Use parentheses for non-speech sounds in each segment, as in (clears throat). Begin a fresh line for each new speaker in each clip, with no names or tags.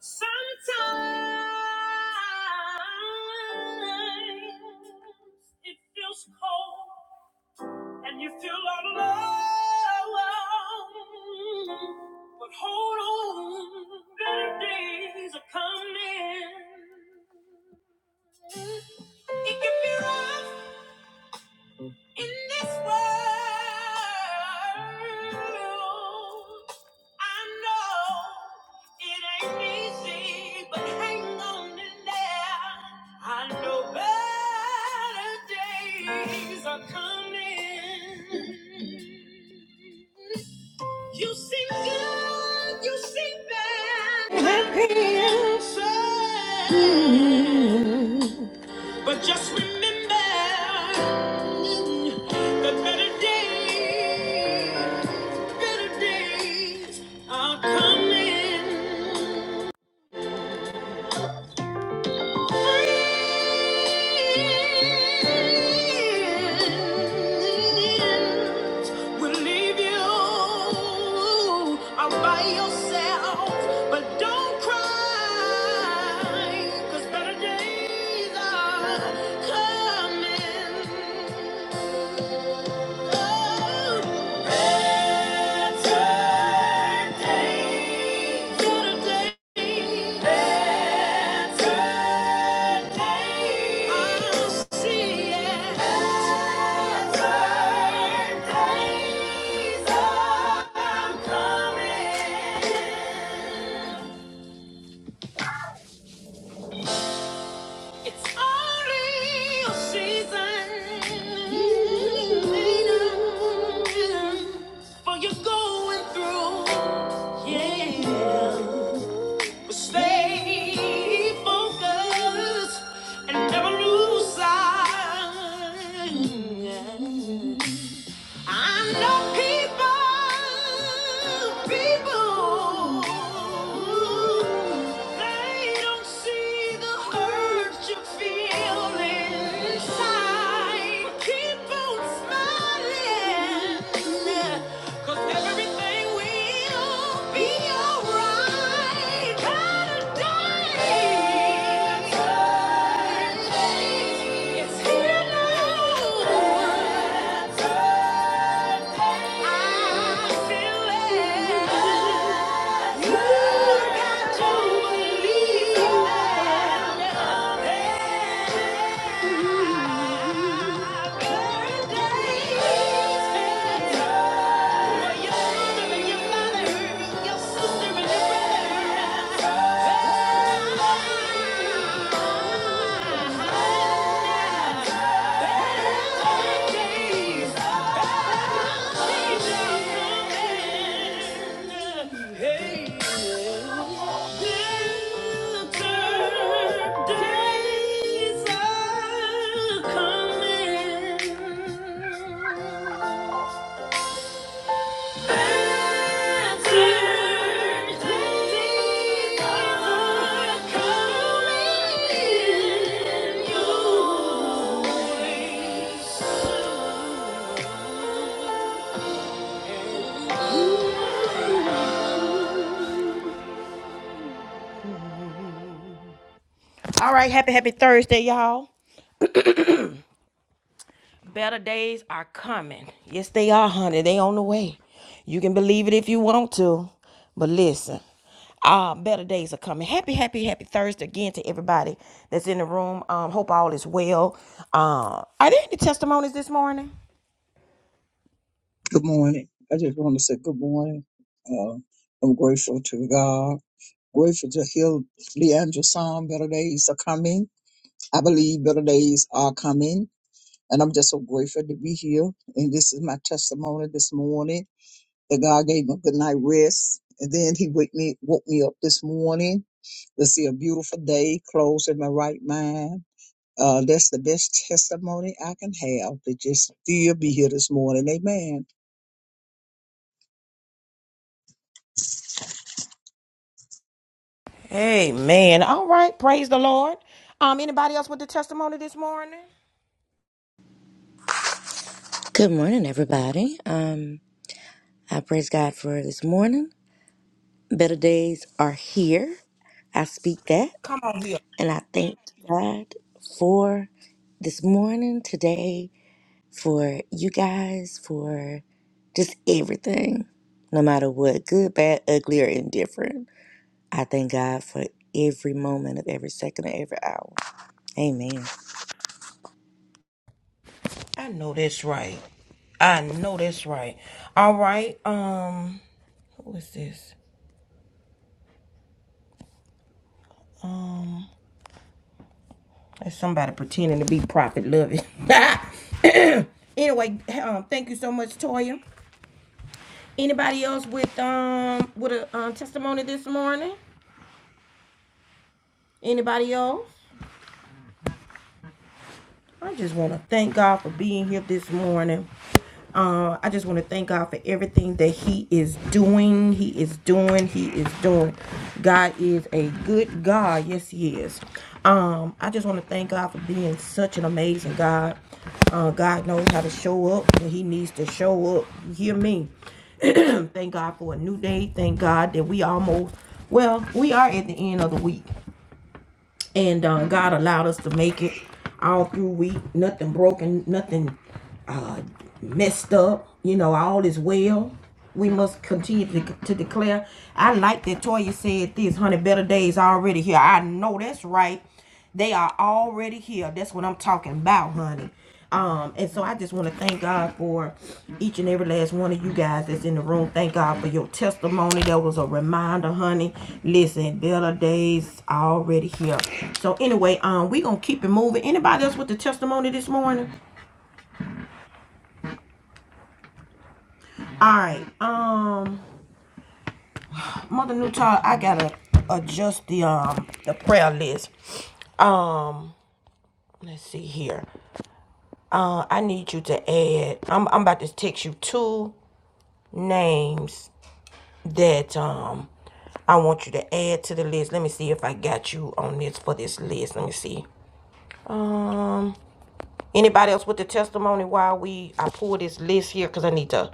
Sometimes it feels cold and you feel all alone. But hold on, better days are coming. It can be rough, in this world, I know it ain't easy, but hang on in there. I know better days are coming. You seem good, you seem bad. Happy and sad. But just remember that better days, better days are coming. Coming. It's only a season for you going through. Yeah. Stay focused and never lose sight. I know people, people, they don't see the hurt you feel inside. Keep on smiling. Cause everything will be alright. got It's here now. I feel it. Yeah. Days are coming. All right, happy, happy Thursday, y'all. Better days are coming. Yes, they are, honey. They on the way. You can believe it if you want to. But listen, uh, better days are coming. Happy, happy, happy Thursday again to everybody that's in the room. Um, hope all is well. Uh, are there any testimonies this morning?
Good morning. I just want to say good morning. Uh, I'm grateful to God. Grateful to hear Leandra song, Better Days Are Coming. I believe better days are coming. And I'm just so grateful to be here. And this is my testimony this morning that God gave me a good night rest. And then he wake me, woke me up this morning to see a beautiful day, clothes in my right mind. Uh, that's the best testimony I can have to just still be here this morning. Amen.
Amen. All right. Praise the Lord. Um, anybody else with a testimony this morning?
Good morning, everybody. Um, I praise God for this morning. Better days are here. I speak that,
Come on here.
and I thank God for this morning, today, for you guys, for just everything, no matter what, good, bad, ugly, or indifferent. I thank God for every moment of every second of every hour. Amen.
I know that's right. I know that's right. All right. Um, who is this? Um. That's somebody pretending to be prophet loving. (laughs) anyway, um, thank you so much, Toya. Anybody else with um with a um, testimony this morning? Anybody else? I just want to thank God for being here this morning. Uh, I just want to thank God for everything that He is doing. He is doing. He is doing. God is a good God. Yes, He is. Um, I just want to thank God for being such an amazing God. Uh, God knows how to show up when He needs to show up. You hear me? (clears throat) thank God for a new day. Thank God that we almost, well, we are at the end of the week and uh, God allowed us to make it all through week. Nothing broken, nothing uh, messed up. You know, all is well. We must continue to, to declare. I like that Toya said this, honey. Better days already here. I know that's right. They are already healed. That's what I'm talking about, honey. Um, and so I just want to thank God for each and every last one of you guys that's in the room. Thank God for your testimony. That was a reminder, honey. Listen, better days already here. So anyway, um, we gonna keep it moving. Anybody else with the testimony this morning? All right. Um, Mother Newtall, I gotta adjust the um the prayer list. Um, let's see here. Uh, I need you to add. I'm I'm about to text you two names that um I want you to add to the list. Let me see if I got you on this for this list. Let me see. Um, anybody else with the testimony while we I pull this list here because I need to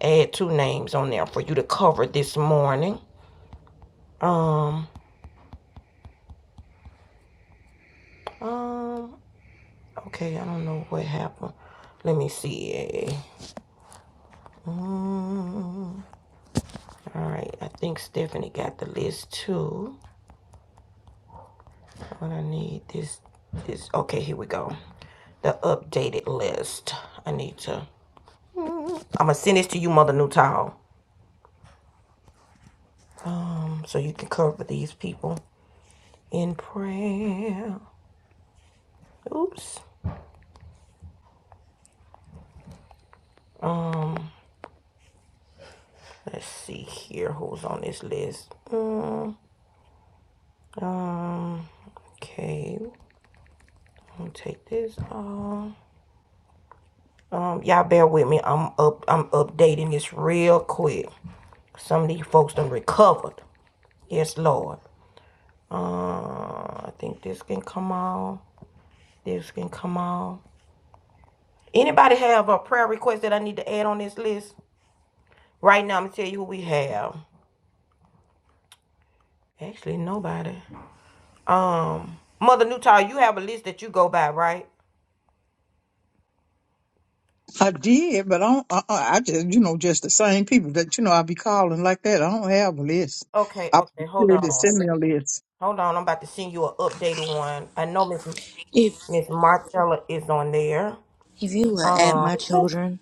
add two names on there for you to cover this morning. Um, um, okay, I don't know what happened. Let me see. Mm, all right, I think Stephanie got the list too. What I need this this okay, here we go. The updated list. I need to I'm gonna send this to you, Mother Nutall. Um, so you can cover these people in prayer. Oops. Um, let's see here who's on this list. Mm, um, okay. I'm gonna take this off. Um, y'all bear with me. I'm up I'm updating this real quick. Some of these folks done recovered. Yes, Lord. Uh, I think this can come on. This can come on. Anybody have a prayer request that I need to add on this list? Right now, I'm gonna tell you who we have. Actually, nobody. Um, Mother Newtall, you have a list that you go by, right?
I did, but I don't, uh, uh, I just, you know, just the same people that, you know, I be calling like that. I don't have a list.
Okay,
I
okay, hold
prepared to
on.
send me a list.
Hold on, I'm about to send you an updated one. I know Miss
If
Miss Marcella is on there.
if you will add
Um,
my children,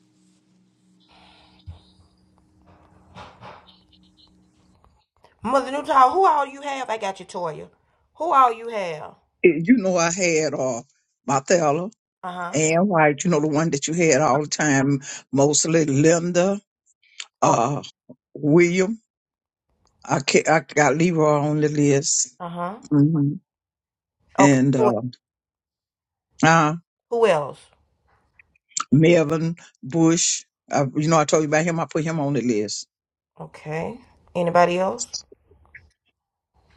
Mother Newtown, who all you have? I got you, Toya. Who all you have?
Eh, You know, I had, uh, Martella,
Uh huh.
Ann White, you know, the one that you had all the time, mostly Linda,
Okay.
uh, William. I can't, I got Leroy on the list.
Uh huh.
hmm
Okay.
And,
Who
uh, uh,
Who else?
Melvin Bush. I, you know, I told you about him. I put him on the list.
Okay. Anybody else?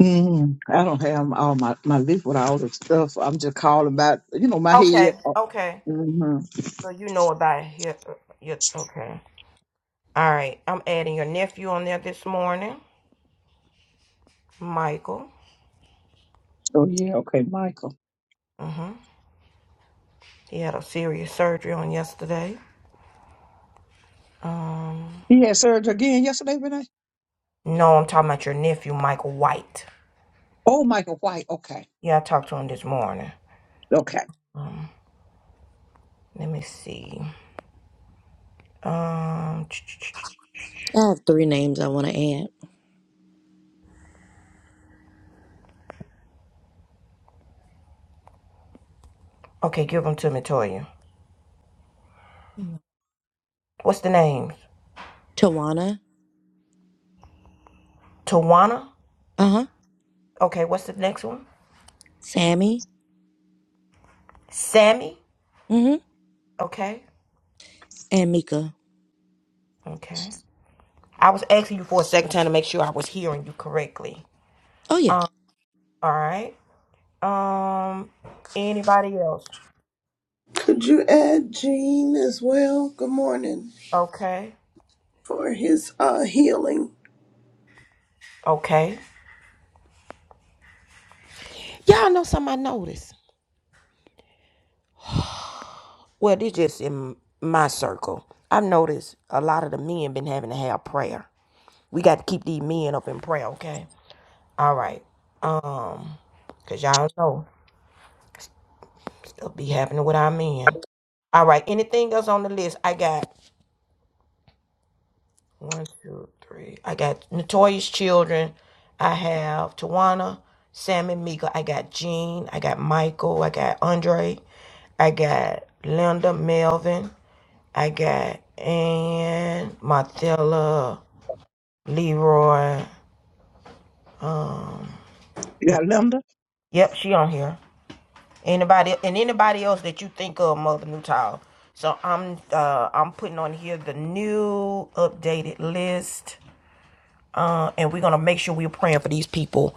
Mm, I don't have all my, my list with all the stuff. I'm just calling about, you know, my
Okay.
head. Oh,
Okay.
hmm
So you know about your, your okay. All right. I'm adding your nephew on there this morning, Michael.
oh yeah, okay, Michael.
Mm-hmm. He had a serious surgery on yesterday. Um.
He had surgery again yesterday, Renee?
No, I'm talking about your nephew, Michael White.
Oh, Michael White, okay,
Yeah, I talked to him this morning.
okay.
Um. Let me see. Um.
I have three names I want to add.
Okay, give them to me, Toya. What's the names?
Tawana.
Tawana.
uh
Okay. What's the next one?
Sammy,
Sammy.
mm-hmm,
Okay.
and Mika.
Okay. I was asking you for a second time to make sure I was hearing you correctly.
Oh yeah.
Um, all right. Um, anybody else?
Could you add Gene as well? Good morning
Okay.
for his uh, healing.
Okay. Y'all know something I noticed. Well, this just in my circle. I've noticed a lot of the men been having to have prayer. We got to keep these men up in prayer, okay? All right. Um, cause y'all know stuff be happening with our men. All right. Anything else on the list? I got One, two, three. I got Notorious Children. I have Tawana, Sam and Mika. I got Gene. I got Michael. I got Andre. I got Linda Melvin. I got Ann, Mathila, Leroy.
You got Linda?
Yep, she on here. Anybody and anybody else that you think of, Mother Nutile. So I'm uh I'm putting on here the new updated list down and we're gonna make sure we're praying for these people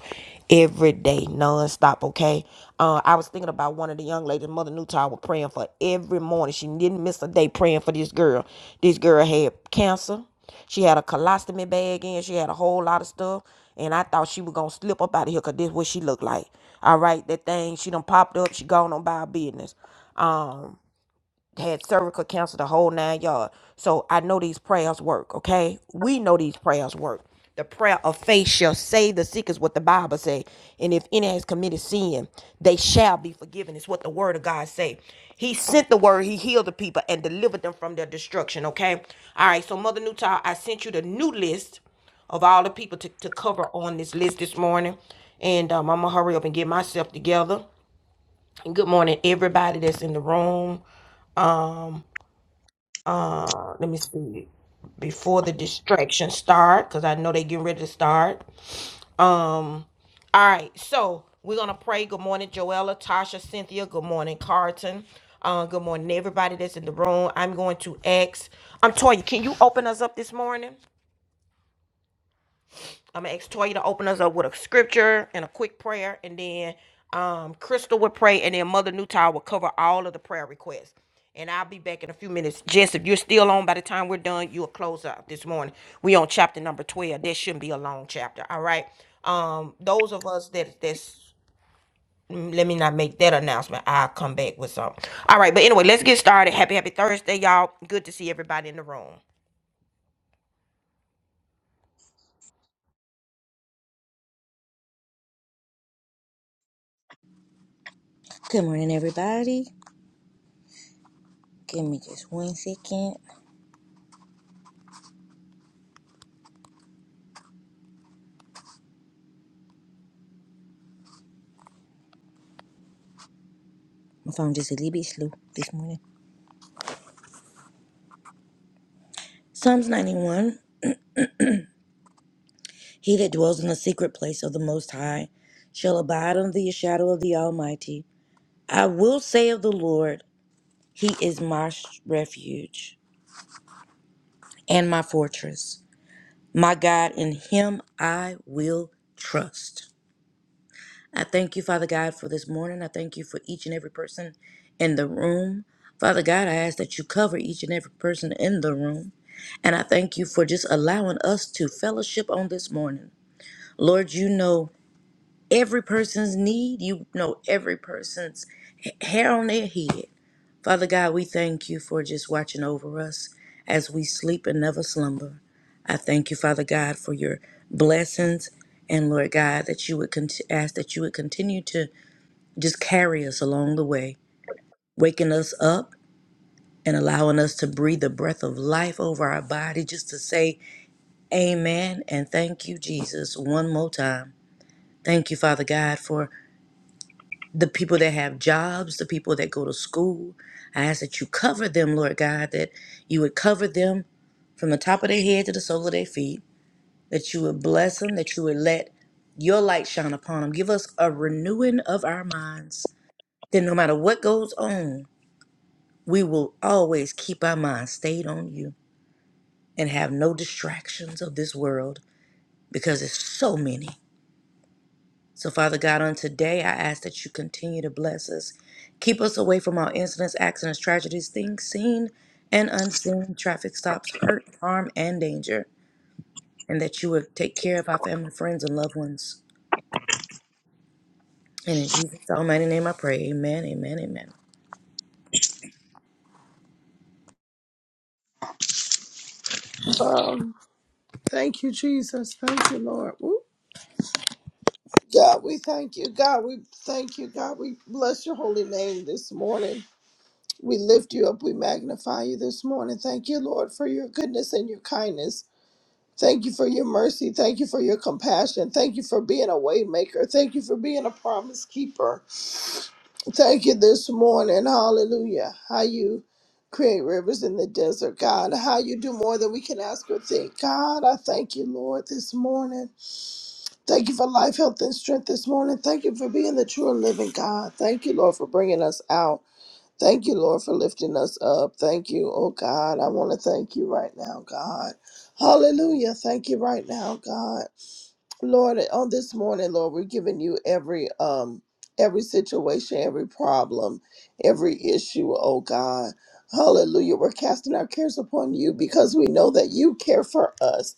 every day, nonstop. Okay. Uh, I was thinking about one of the young ladies, Mother Newtown, was praying for every morning. She didn't miss a day praying for this girl. This girl had cancer. She had a colostomy bag in. She had a whole lot of stuff. And I thought she was gonna slip up out of here because this is what she looked like. All right, that thing she done popped up. She gone on by her business. Um, had cervical cancer, the whole nine yards. So I know these prayers work, okay? We know these prayers work. The prayer of faith shall save the sick is what the Bible say. And if any has committed sin, they shall be forgiven. It's what the word of God say. He sent the word, he healed the people and delivered them from their destruction, okay? All right, so Mother Newtile, I sent you the new list of all the people to, to cover on this list this morning. And um, I'm gonna hurry up and get myself together. And good morning, everybody that's in the room. Um, uh, let me see before the distractions start because i know they getting ready to start um all right so we're gonna pray good morning joella tasha cynthia good morning Carlton. uh, good morning everybody that's in the room i'm going to ask i'm um, toya can you open us up this morning I'm gonna ask Toya to open us up with a scripture and a quick prayer, and then um, Crystal would pray, and then Mother Newtown will cover all of the prayer requests. And I'll be back in a few minutes. Jess, if you're still on by the time we're done, you'll close out this morning. We on chapter number 12. That shouldn't be a long chapter. All right. Um, those of us that that's mm, let me not make that announcement. I'll come back with some. All right, but anyway, let's get started. Happy, happy Thursday, y'all. Good to see everybody in the room.
Good morning, everybody. Give me just one second. My phone just a little bit slow this morning. Psalms 91. He that dwells in the secret place of the Most High shall abide under the shadow of the Almighty. I will say of the Lord, He is my sh- refuge and my fortress, my God. In Him I will trust. I thank you, Father God, for this morning. I thank you for each and every person in the room. Father God, I ask that you cover each and every person in the room. And I thank you for just allowing us to fellowship on this morning. Lord, you know every person's need, you know every person's h- hair on their head. Father God, we thank you for just watching over us as we sleep and never slumber. I thank you, Father God, for your blessings. And Lord God, that you would cont- ask that you would continue to just carry us along the way, waking us up and allowing us to breathe the breath of life over our body just to say amen and thank you, Jesus, one more time. Thank you, Father God, for the people that have jobs, the people that go to school. I ask that you cover them, Lord God, that you would cover them from the top of their head to the sole of their feet, that you would bless them, that you would let your light shine upon them. Give us a renewing of our minds. That no matter what goes on, we will always keep our minds stayed on you and have no distractions of this world because it's so many. So, Father God, on today, I ask that you continue to bless us. Keep us away from all incidents, accidents, tragedies, things seen and unseen, traffic stops, hurt, harm, and danger. And that you would take care of our family, friends, and loved ones. And in Jesus' almighty name, I pray. Amen, amen, amen.
Um, thank you, Jesus. Thank you, Lord. Woo. God, we thank you. God, we thank you. God, we bless your holy name this morning. We lift you up. We magnify you this morning. Thank you, Lord, for your goodness and your kindness. Thank you for your mercy. Thank you for your compassion. Thank you for being a waymaker. Thank you for being a promise keeper. Thank you this morning. Hallelujah. How you create rivers in the desert, God. How you do more than we can ask or think. God, I thank you, Lord, this morning. Thank you for life, health, and strength this morning. Thank you for being the true and living God. Thank you, Lord, for bringing us out. Thank you, Lord, for lifting us up. Thank you, oh God. I want to thank you right now, God. Hallelujah. Thank you right now, God. Lord, on this morning, Lord, we're giving you every um every situation, every problem, every issue, oh God. Hallelujah. We're casting our cares upon you because we know that you care for us.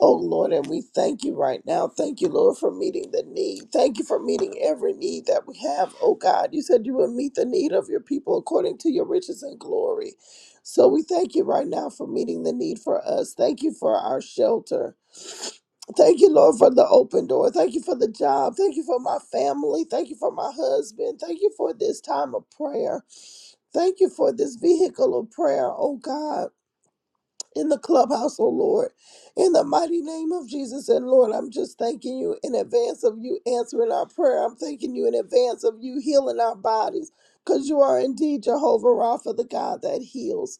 Oh Lord, and we thank you right now. Thank you, Lord, for meeting the need. Thank you for meeting every need that we have. Oh God, you said you would meet the need of your people according to your riches and glory. So we thank you right now for meeting the need for us. Thank you for our shelter. Thank you, Lord, for the open door. Thank you for the job. Thank you for my family. Thank you for my husband. Thank you for this time of prayer. Thank you for this vehicle of prayer, oh God, in the clubhouse, oh Lord. In the mighty name of Jesus and Lord, I'm just thanking you in advance of you answering our prayer. I'm thanking you in advance of you healing our bodies because you are indeed Jehovah Rapha, the God that heals.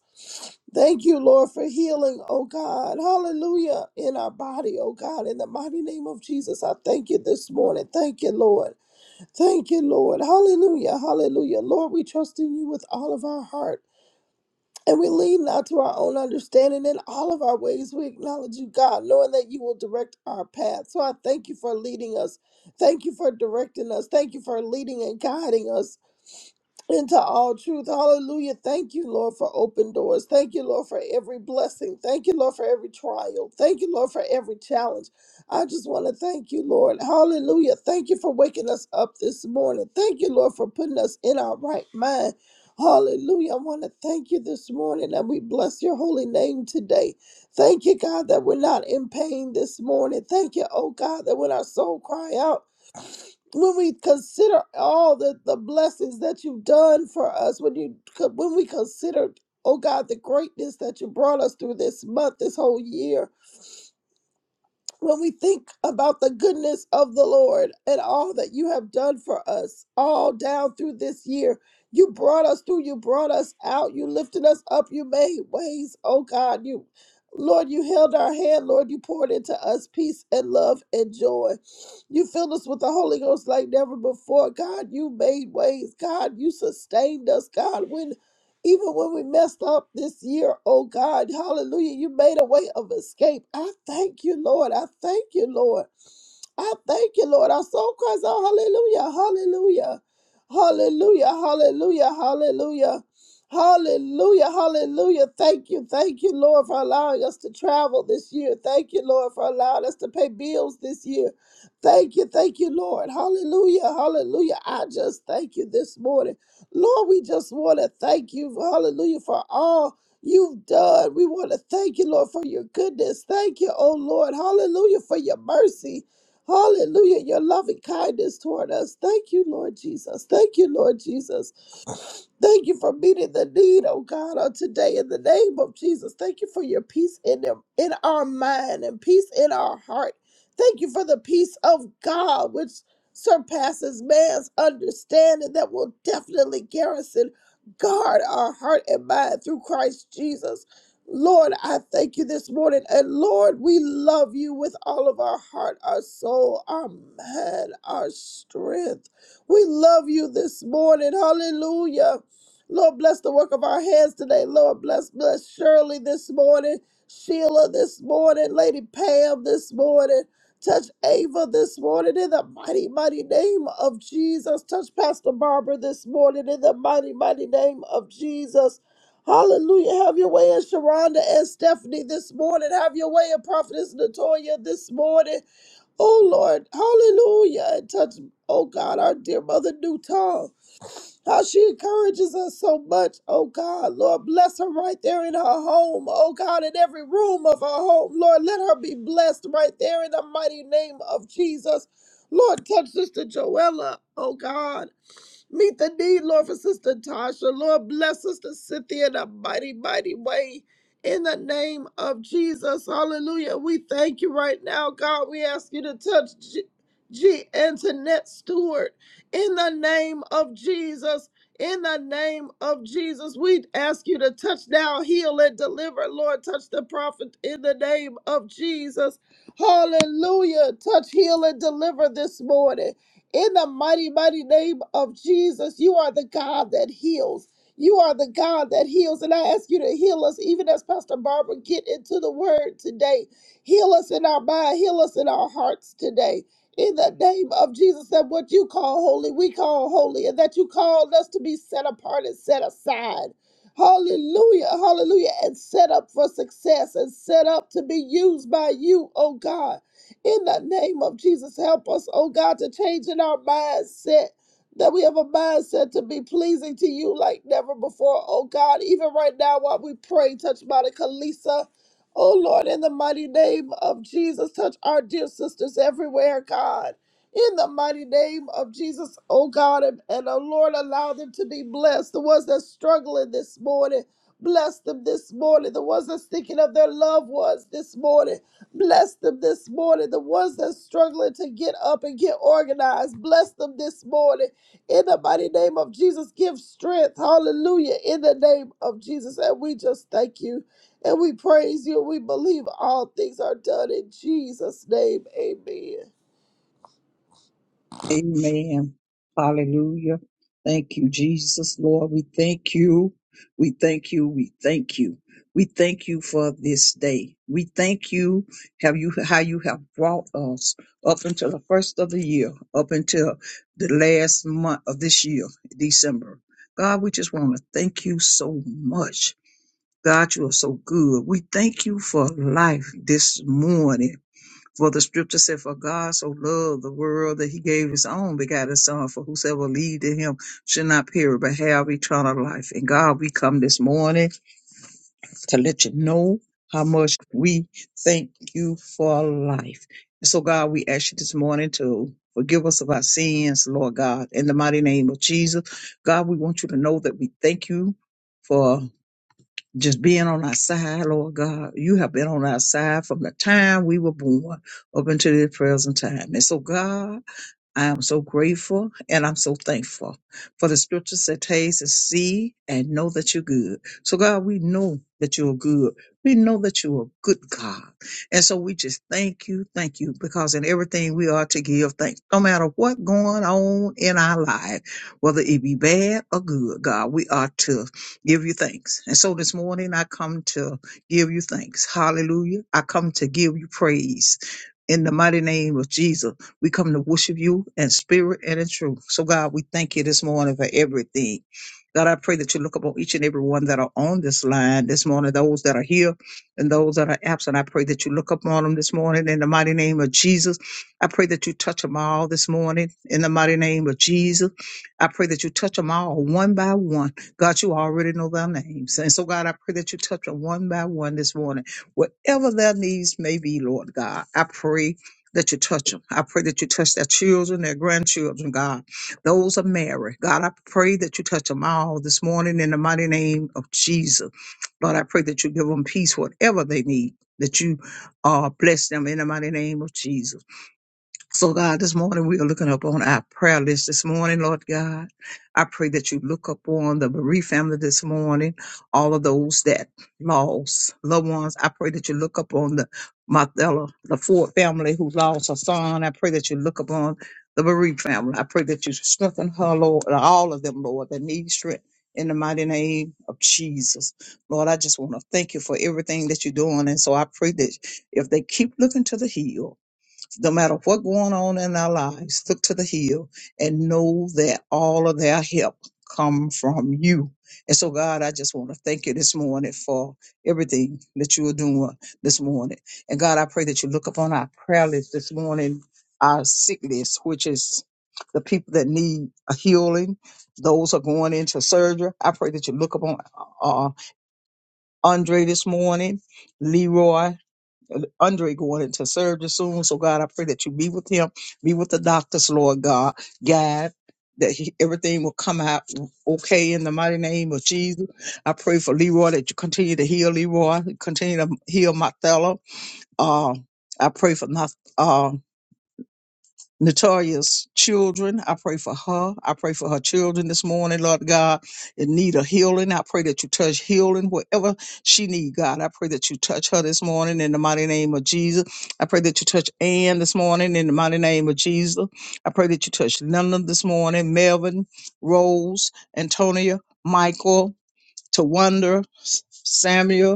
Thank you, Lord, for healing, oh God. Hallelujah. In our body, oh God. In the mighty name of Jesus, I thank you this morning. Thank you, Lord. Thank you, Lord. Hallelujah. Hallelujah. Lord, we trust in you with all of our heart. And we lean not to our own understanding in all of our ways. We acknowledge you, God, knowing that you will direct our path. So I thank you for leading us. Thank you for directing us. Thank you for leading and guiding us into all truth. Hallelujah. Thank you, Lord, for open doors. Thank you, Lord, for every blessing. Thank you, Lord, for every trial. Thank you, Lord, for every challenge. I just want to thank you, Lord. Hallelujah. Thank you for waking us up this morning. Thank you, Lord, for putting us in our right mind. Hallelujah. I want to thank you this morning and we bless your holy name today. Thank you, God, that we're not in pain this morning. Thank you, oh God, that when our soul cry out, when we consider all the, the blessings that you've done for us, when you when we consider, oh God, the greatness that you brought us through this month, this whole year, when we think about the goodness of the Lord and all that you have done for us all down through this year. You brought us through, you brought us out, you lifted us up, you made ways, oh God, you Lord, you held our hand, Lord, you poured into us peace and love and joy. You filled us with the Holy Ghost like never before. God, you made ways. God, you sustained us. God, when even when we messed up this year, oh God, hallelujah, you made a way of escape. I thank you, Lord. I thank you, Lord. I thank you, Lord. Our soul cries out, Hallelujah, Hallelujah, Hallelujah, Hallelujah, Hallelujah, Hallelujah, Hallelujah. Thank you, thank you, Lord, for allowing us to travel this year. Thank you, Lord, for allowing us to pay bills this year. Thank you, thank you, Lord. Hallelujah, Hallelujah. I just thank you this morning, Lord. We just want to thank you, Hallelujah, for all. You've done. We want to thank you, Lord, for your goodness. Thank you, oh Lord. Hallelujah, for your mercy. Hallelujah. Your loving kindness toward us. Thank you, Lord Jesus. Thank you, Lord Jesus. Thank you for meeting the need, oh God, on today in the name of Jesus. Thank you for your peace in them, in our mind and peace in our heart. Thank you for the peace of God, which surpasses man's understanding, that will definitely garrison, guard our heart and mind through Christ Jesus. Lord, I thank you this morning. And Lord, we love you with all of our heart, our soul, our mind, our strength. We love you this morning. Hallelujah. Lord, bless the work of our hands today. Lord, bless, bless Shirley this morning, Sheila this morning, Lady Pam this morning. Touch Ava this morning in the mighty, mighty name of Jesus. Touch Pastor Barbara this morning in the mighty, mighty name of Jesus. Hallelujah. Have your way in Sharonda and Stephanie this morning. Have your way in Prophetess Natoya this morning. Oh Lord, hallelujah. And touch, oh God, our dear mother Newton. How she encourages us so much, oh God. Lord, bless her right there in her home, oh God, in every room of her home. Lord, let her be blessed right there in the mighty name of Jesus. Lord, touch Sister Joella, oh God. Meet the need, Lord, for Sister Tasha. Lord, bless Sister Cynthia in a mighty, mighty way. In the name of Jesus, hallelujah. We thank you right now, God. We ask you to touch G, G Antoinette Stewart. In the name of Jesus, in the name of Jesus, we ask you to touch now, heal, and deliver. Lord, touch the prophet in the name of Jesus. Hallelujah. Touch, heal, and deliver this morning. In the mighty, mighty name of Jesus, you are the God that heals. You are the God that heals. And I ask you to heal us, even as Pastor Barbara get into the word today. Heal us in our mind, heal us in our hearts today. In the name of Jesus, that what you call holy, we call holy, and that you called us to be set apart and set aside. Hallelujah, hallelujah, and set up for success and set up to be used by you, oh God. In the name of Jesus, help us, oh God, to change in our mindset. That we have a mindset to be pleasing to you like never before. Oh God, even right now while we pray, touch Monica, Lisa, Oh Lord, in the mighty name of Jesus, touch our dear sisters everywhere, God. In the mighty name of Jesus, oh God, and, and oh Lord, allow them to be blessed. The ones that's struggling this morning, bless them this morning. The ones that's thinking of their loved ones this morning. Bless them this morning, the ones that's struggling to get up and get organized. Bless them this morning. In the mighty name of Jesus, give strength. Hallelujah. In the name of Jesus. And we just thank you and we praise you. We believe all things are done in Jesus' name. Amen.
Amen. Hallelujah. Thank you, Jesus, Lord. We thank you. We thank you. We thank you. We thank you for this day. We thank you have you how you have brought us up until the first of the year, up until the last month of this year, December. God, we just want to thank you so much. God, you are so good. We thank you for life this morning. For the scripture said, For God so loved the world that he gave his own begotten son, for whosoever believed in him should not perish, but have eternal life. And God, we come this morning to let you know how much we thank you for life. And so, God, we ask you this morning to forgive us of our sins, Lord God, in the mighty name of Jesus. God, we want you to know that we thank you. for just being on our side, Lord God. You have been on our side from the time we were born up until this present time. And so, God, I am so grateful and I'm so thankful for the scriptures that taste and see and know that you're good. So God, we know that you're good. We know that you're a good God. And so we just thank you, thank you, because in everything we are to give thanks, no matter what going on in our life, whether it be bad or good, God, we are to give you thanks. And so this morning I come to give you thanks. Hallelujah. I come to give you praise in the mighty name of Jesus. We come to worship you in spirit and in truth. So, God, we thank you this morning for everything. God, I pray that you look upon each and every one that are on this line this morning, those that are here and those that are absent. I pray that you look upon them this morning in the mighty name of Jesus. I pray that you touch them all this morning in the mighty name of Jesus. I pray that you touch them all one by one. God, you already know their names. And so, God, I pray that you touch them one by one this morning, whatever their needs may be, Lord God. I pray that you touch them. I pray that you touch their children, their grandchildren, God. Those are married. God, I pray that you touch them all this morning in the mighty name of Jesus. Lord, I pray that you give them peace, whatever they need, that you uh, bless them in the mighty name of Jesus. So, God, this morning we are looking up on our prayer list this morning, Lord God. I pray that you look up on the bereaved family this morning, all of those that lost loved ones. I pray that you look up on the Martella, the Ford family who lost her son. I pray that you look upon the bereaved family. I pray that you strengthen her, Lord, and all of them, Lord, that need strength. In the mighty name of Jesus. Lord, I just want to thank you for everything that you're doing. And so I pray that if they keep looking to the hill, no matter what going on in our lives, look to the hill and know that all of their help come from you. And so, God, I just want to thank you this morning for everything that you are doing this morning. And God, I pray that you look upon our prayer list this morning, our sick list, which is the people that need a healing, those who are going into surgery. I pray that you look upon uh, Andre this morning, Leroy. Andre going into surgery soon. So God, I pray that you be with him, be with the doctors, Lord God, God, that he, everything will come out okay in the mighty name of Jesus. I pray for Leroy that you continue to heal Leroy, continue to heal Martella. Uh, I pray for Martella. Natalia's children. I pray for her. I pray for her children this morning, Lord God, in need of healing. I pray that you touch healing wherever she need, God. I pray that you touch her this morning in the mighty name of Jesus. I pray that you touch Ann this morning in the mighty name of Jesus. I pray that you touch Linda this morning, Melvin, Rose, Antonia, Michael, Tawanda, Samuel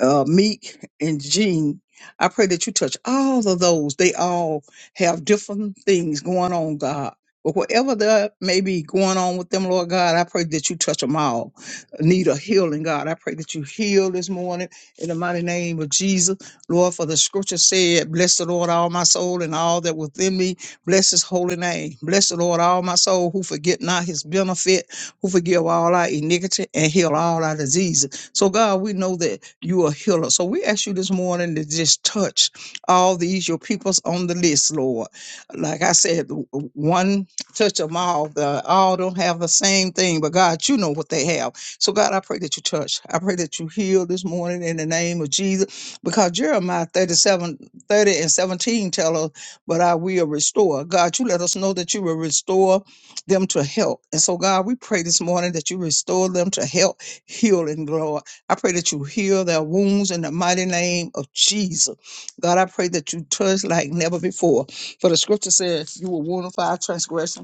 uh, Meek and Gene, I pray that you touch all of those. They all have different things going on, God. But whatever that may be going on with them, Lord God, I pray that you touch them all. Need a healing, God. I pray that you heal this morning in the mighty name of Jesus. Lord, for the scripture said, Bless the Lord, all my soul, and all that within me. Bless his holy name. Bless the Lord, all my soul, who forget not his benefit, who forgive all our iniquity, and heal all our diseases. So, God, we know that you are a healer. So, we ask you this morning to just touch all these, your peoples on the list, Lord. Like I said, w- w- one touch them all. The, all don't have the same thing, but God, you know what they have. So, God, I pray that you touch. I pray that you heal this morning in the name of Jesus because Jeremiah 37 30 and 17 tell us, but I will restore. God, you let us know that you will restore them to health. And so, God, we pray this morning that you restore them to health, healing, Lord. I pray that you heal their wounds in the mighty name of Jesus. God, I pray that you touch like never before. For the scripture says, You will wound for our transgression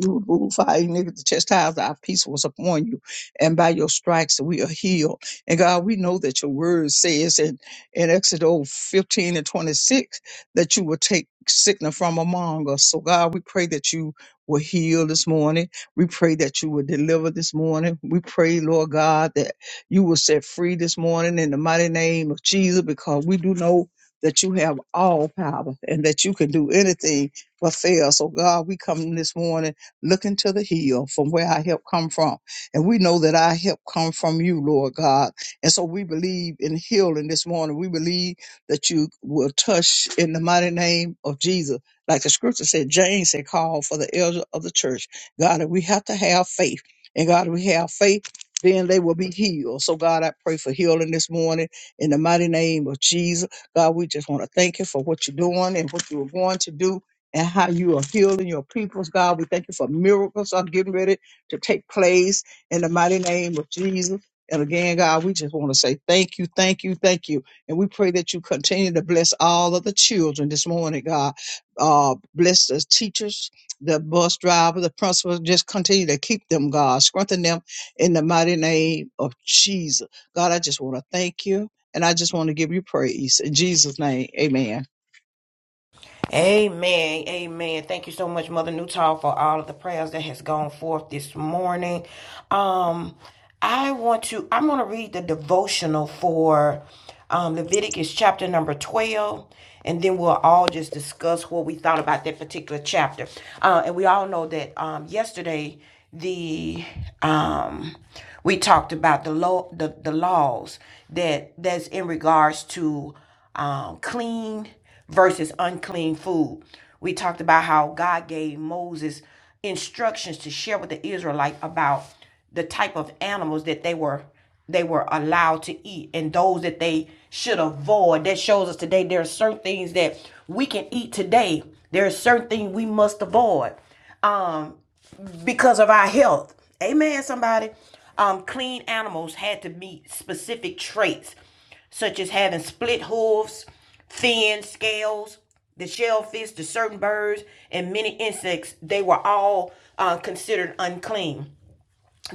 you remove our iniquity, the chastisement of our peace was upon you, and by your stripes we are healed. And God, we know that your word says in, in Exodus 15 and 26 that you will take sickness from among us. So, God, we pray that you will heal this morning. We pray that you will deliver this morning. We pray, Lord God, that you will set free this morning in the mighty name of Jesus, because we do know that you have all power and that you can do anything but fail. So, God, we come this morning looking to the hill from where our help come from. And we know that our help come from you, Lord God. And so we believe in healing this morning. We believe that you will touch in the mighty name of Jesus. Like the scripture said, James said, call for the elder of the church. God, we have to have faith. And God, we have faith, then they will be healed. So God, I pray for healing this morning in the mighty name of Jesus. God, we just want to thank you for what you're doing and what you were going to do and how you are healing your peoples, God. We thank you for miracles are getting ready to take place in the mighty name of Jesus. And again, God, we just want to say thank you, thank you, thank you. And we pray that you continue to bless all of the children this morning, God. Uh, bless the teachers, the bus driver, the principals. Just continue to keep them, God. Strengthen them in the mighty name of Jesus. God, I just want to thank you. And I just want to give you praise. In Jesus' name, amen.
Amen. Amen. Thank you so much, Mother Newtall, for all of the prayers that has gone forth this morning. Um, I want to I'm gonna read the devotional for um Leviticus chapter number 12, and then we'll all just discuss what we thought about that particular chapter. Uh, and we all know that um yesterday the um we talked about the law the, the laws that that's in regards to um clean versus unclean food. We talked about how God gave Moses instructions to share with the Israelite about the type of animals that they were they were allowed to eat and those that they should avoid. That shows us today there are certain things that we can eat today. There are certain things we must avoid Um because of our health. Amen, somebody. Um, clean animals had to meet specific traits, such as having split hooves, thin scales, the shellfish, the certain birds, and many insects. They were all uh, considered unclean.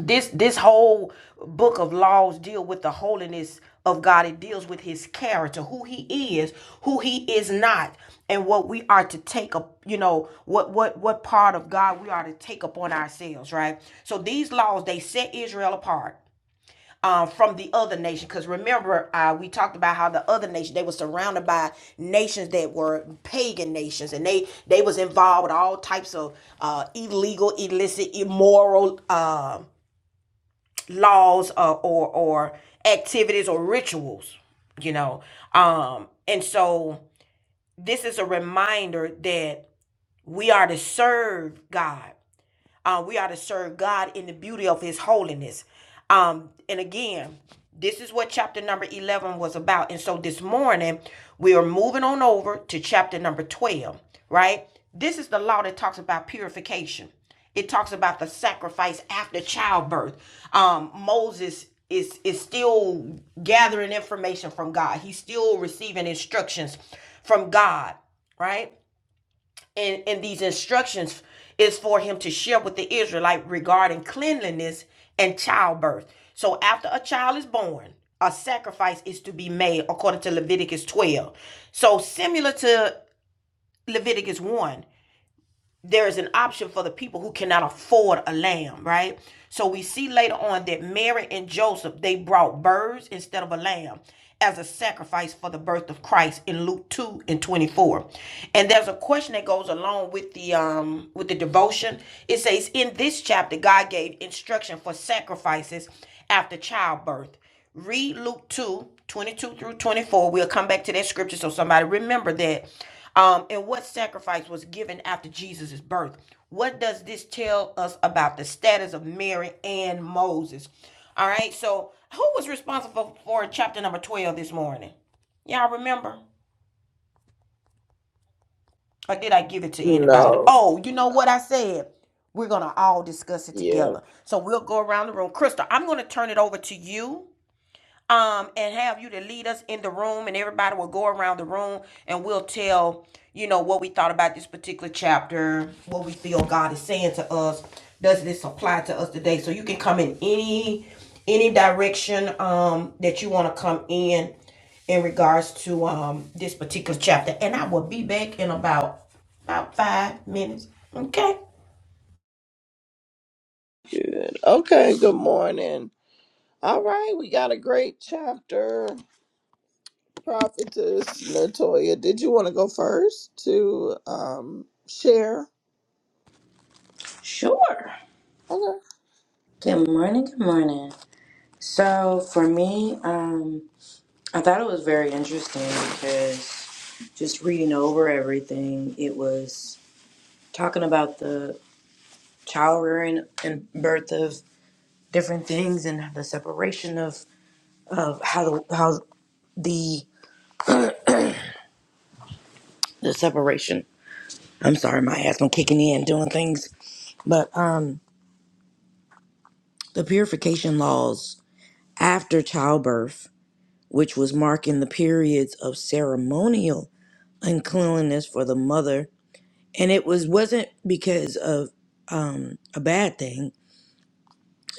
This this whole book of laws deal with the holiness of God. It deals with his character, who he is, who he is not, and what we are to take up, you know, what what what part of God we are to take upon ourselves, right? So these laws they set Israel apart um, from the other nation. Because remember, uh, we talked about how the other nation they were surrounded by nations that were pagan nations, and they they was involved with all types of uh, illegal, illicit, immoral. um uh, laws uh, or or activities or rituals you know um and so this is a reminder that we are to serve god uh, we ought to serve God in the beauty of His holiness. Um, and again, this is what chapter number 11 was about. And so this morning, we are moving on over to chapter number 12, right? This is the law that talks about purification. It talks about the sacrifice after childbirth. Um, Moses is is still gathering information from God. He's still receiving instructions from God, right? and, and these instructions is for him to share with the Israelite regarding cleanliness and childbirth. So after a child is born, a sacrifice is to be made according to Leviticus 12. So similar to Leviticus 1, there is an option for the people who cannot afford a lamb, right? So we see later on that Mary and Joseph, they brought birds instead of a lamb as a sacrifice for the birth of Christ in Luke 2 and 24. And there's a question that goes along with the um with the devotion. It says in this chapter God gave instruction for sacrifices after childbirth. Read Luke 2 22 through 24. We'll come back to that scripture. So somebody remember that. Um, and what sacrifice was given after Jesus' birth? What does this tell us about the status of Mary and Moses? All right, so who was responsible for chapter number 12 this morning? Y'all remember? Or did I give it to anybody?
No.
Oh, you know what I said? We're going to all discuss it
Yeah.
together. So we'll go around the room. Crystal, I'm going to turn it over to you um, and have you to lead us in the room, and everybody will go around the room and we'll tell, you know, what we thought about this particular chapter, what we feel God is saying to us. Does this apply to us today? So you can come in any any direction um that you want to come in in regards to um this particular chapter. And I will be back in about about five minutes. Okay.
Good. Okay. Good morning. All right. We got a great chapter. Prophetess Latoya, did you want to go first to um, share?
Sure.
Okay.
Good morning, good morning. So, for me, um, I thought it was very interesting because just reading over everything, it was talking about the child rearing and birth of different things and the separation of, of how the how the the separation. I'm sorry, my ass i kicking in doing things, but um, the purification laws after childbirth, which was marking the periods of ceremonial uncleanliness for the mother and it was wasn't because of um a bad thing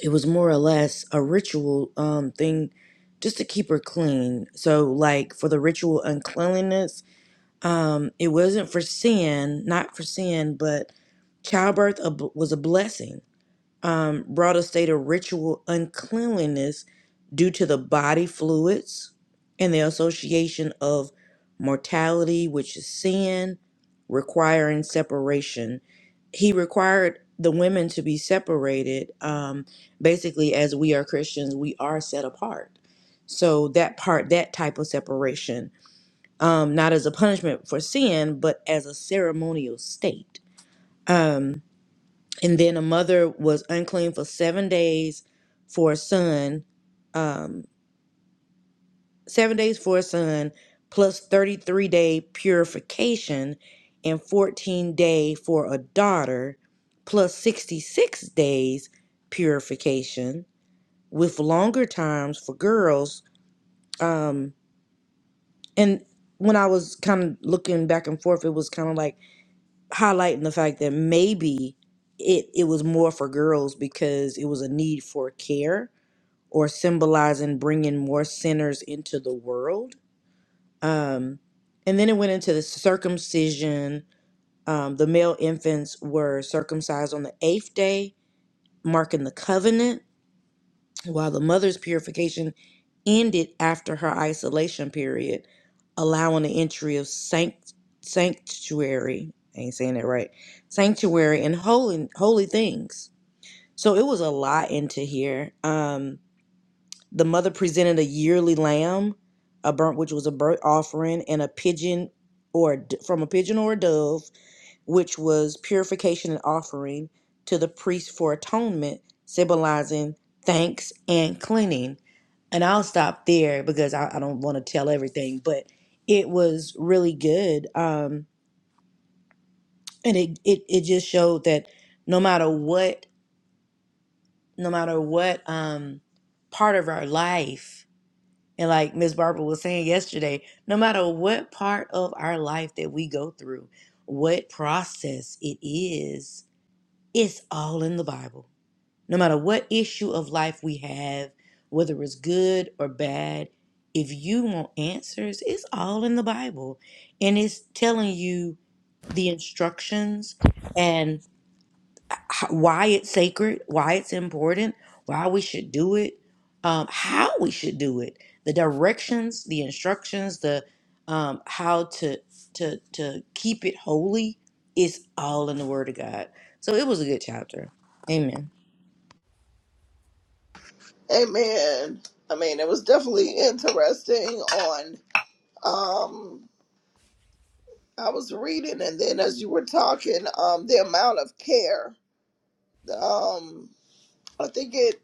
it was more or less a ritual um thing just to keep her clean so like for the ritual uncleanliness um it wasn't for sin not for sin but childbirth ab- was a blessing um, brought a state of ritual uncleanliness due to the body fluids and the association of mortality, which is sin, requiring separation. He required the women to be separated. Um, basically, as we are Christians, we are set apart. So that part, that type of separation, um, not as a punishment for sin, but as a ceremonial state. Um, and then a mother was unclean for seven days for a son, um, seven days for a son, plus 33 day purification, and 14 day for a daughter, plus 66 days purification, with longer times for girls. Um, and when I was kind of looking back and forth, it was kind of like highlighting the fact that maybe it, it was more for girls because it was a need for care or symbolizing bringing more sinners into the world. Um, and then it went into the circumcision. Um, the male infants were circumcised on the eighth day, marking the covenant, while the mother's purification ended after her isolation period, allowing the entry of sanct- sanctuary. I ain't saying that right. Sanctuary and holy holy things. So it was a lot into here. Um, The mother presented a yearly lamb, a burnt which was a burnt offering, and a pigeon or a d- from a pigeon or a dove, which was purification and offering to the priest for atonement, symbolizing thanks and cleaning. And I'll stop there because I, I don't want to tell everything, but it was really good. Um, and it, it it just showed that no matter what, no matter what um part of our life And like Miss Barbara was saying yesterday, no matter what part of our life that we go through, what process it is, it's all in the Bible. No matter what issue of life we have, whether it's good or bad, if you want answers, it's all in the Bible. And it's telling you the instructions and h- why it's sacred, why it's important, why we should do it, um, how we should do it, the directions, the instructions, the um, how to to to keep it holy is all in the Word of God. So it was a good chapter. Amen.
Amen. I mean, it was definitely interesting on um I was reading and then as you were talking, um the amount of care. Um I think it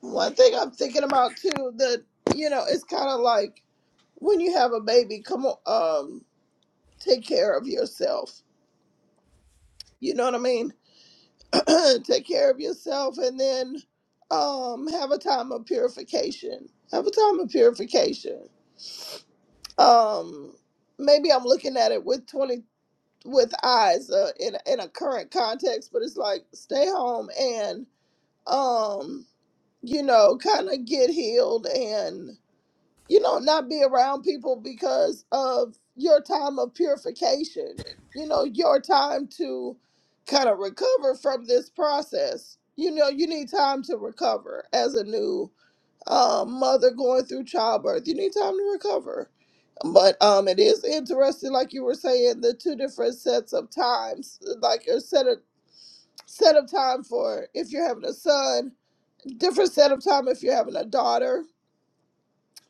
one thing I'm thinking about too that you know, it's kind of like when you have a baby, come on um take care of yourself. You know what I mean? (clears throat) take care of yourself and then um have a time of purification. Have a time of purification um maybe i'm looking at it with 20 with eyes uh, in a- in a current context but it's like stay home and um you know kind of get healed and you know not be around people because of your time of purification you know your time to kind of recover from this process you know you need time to recover as a new uh, mother going through childbirth. You need time to recover. But um, it is interesting, like you were saying, the two different sets of times, like a set of set of time for if you're having a son, different set of time if you're having a daughter.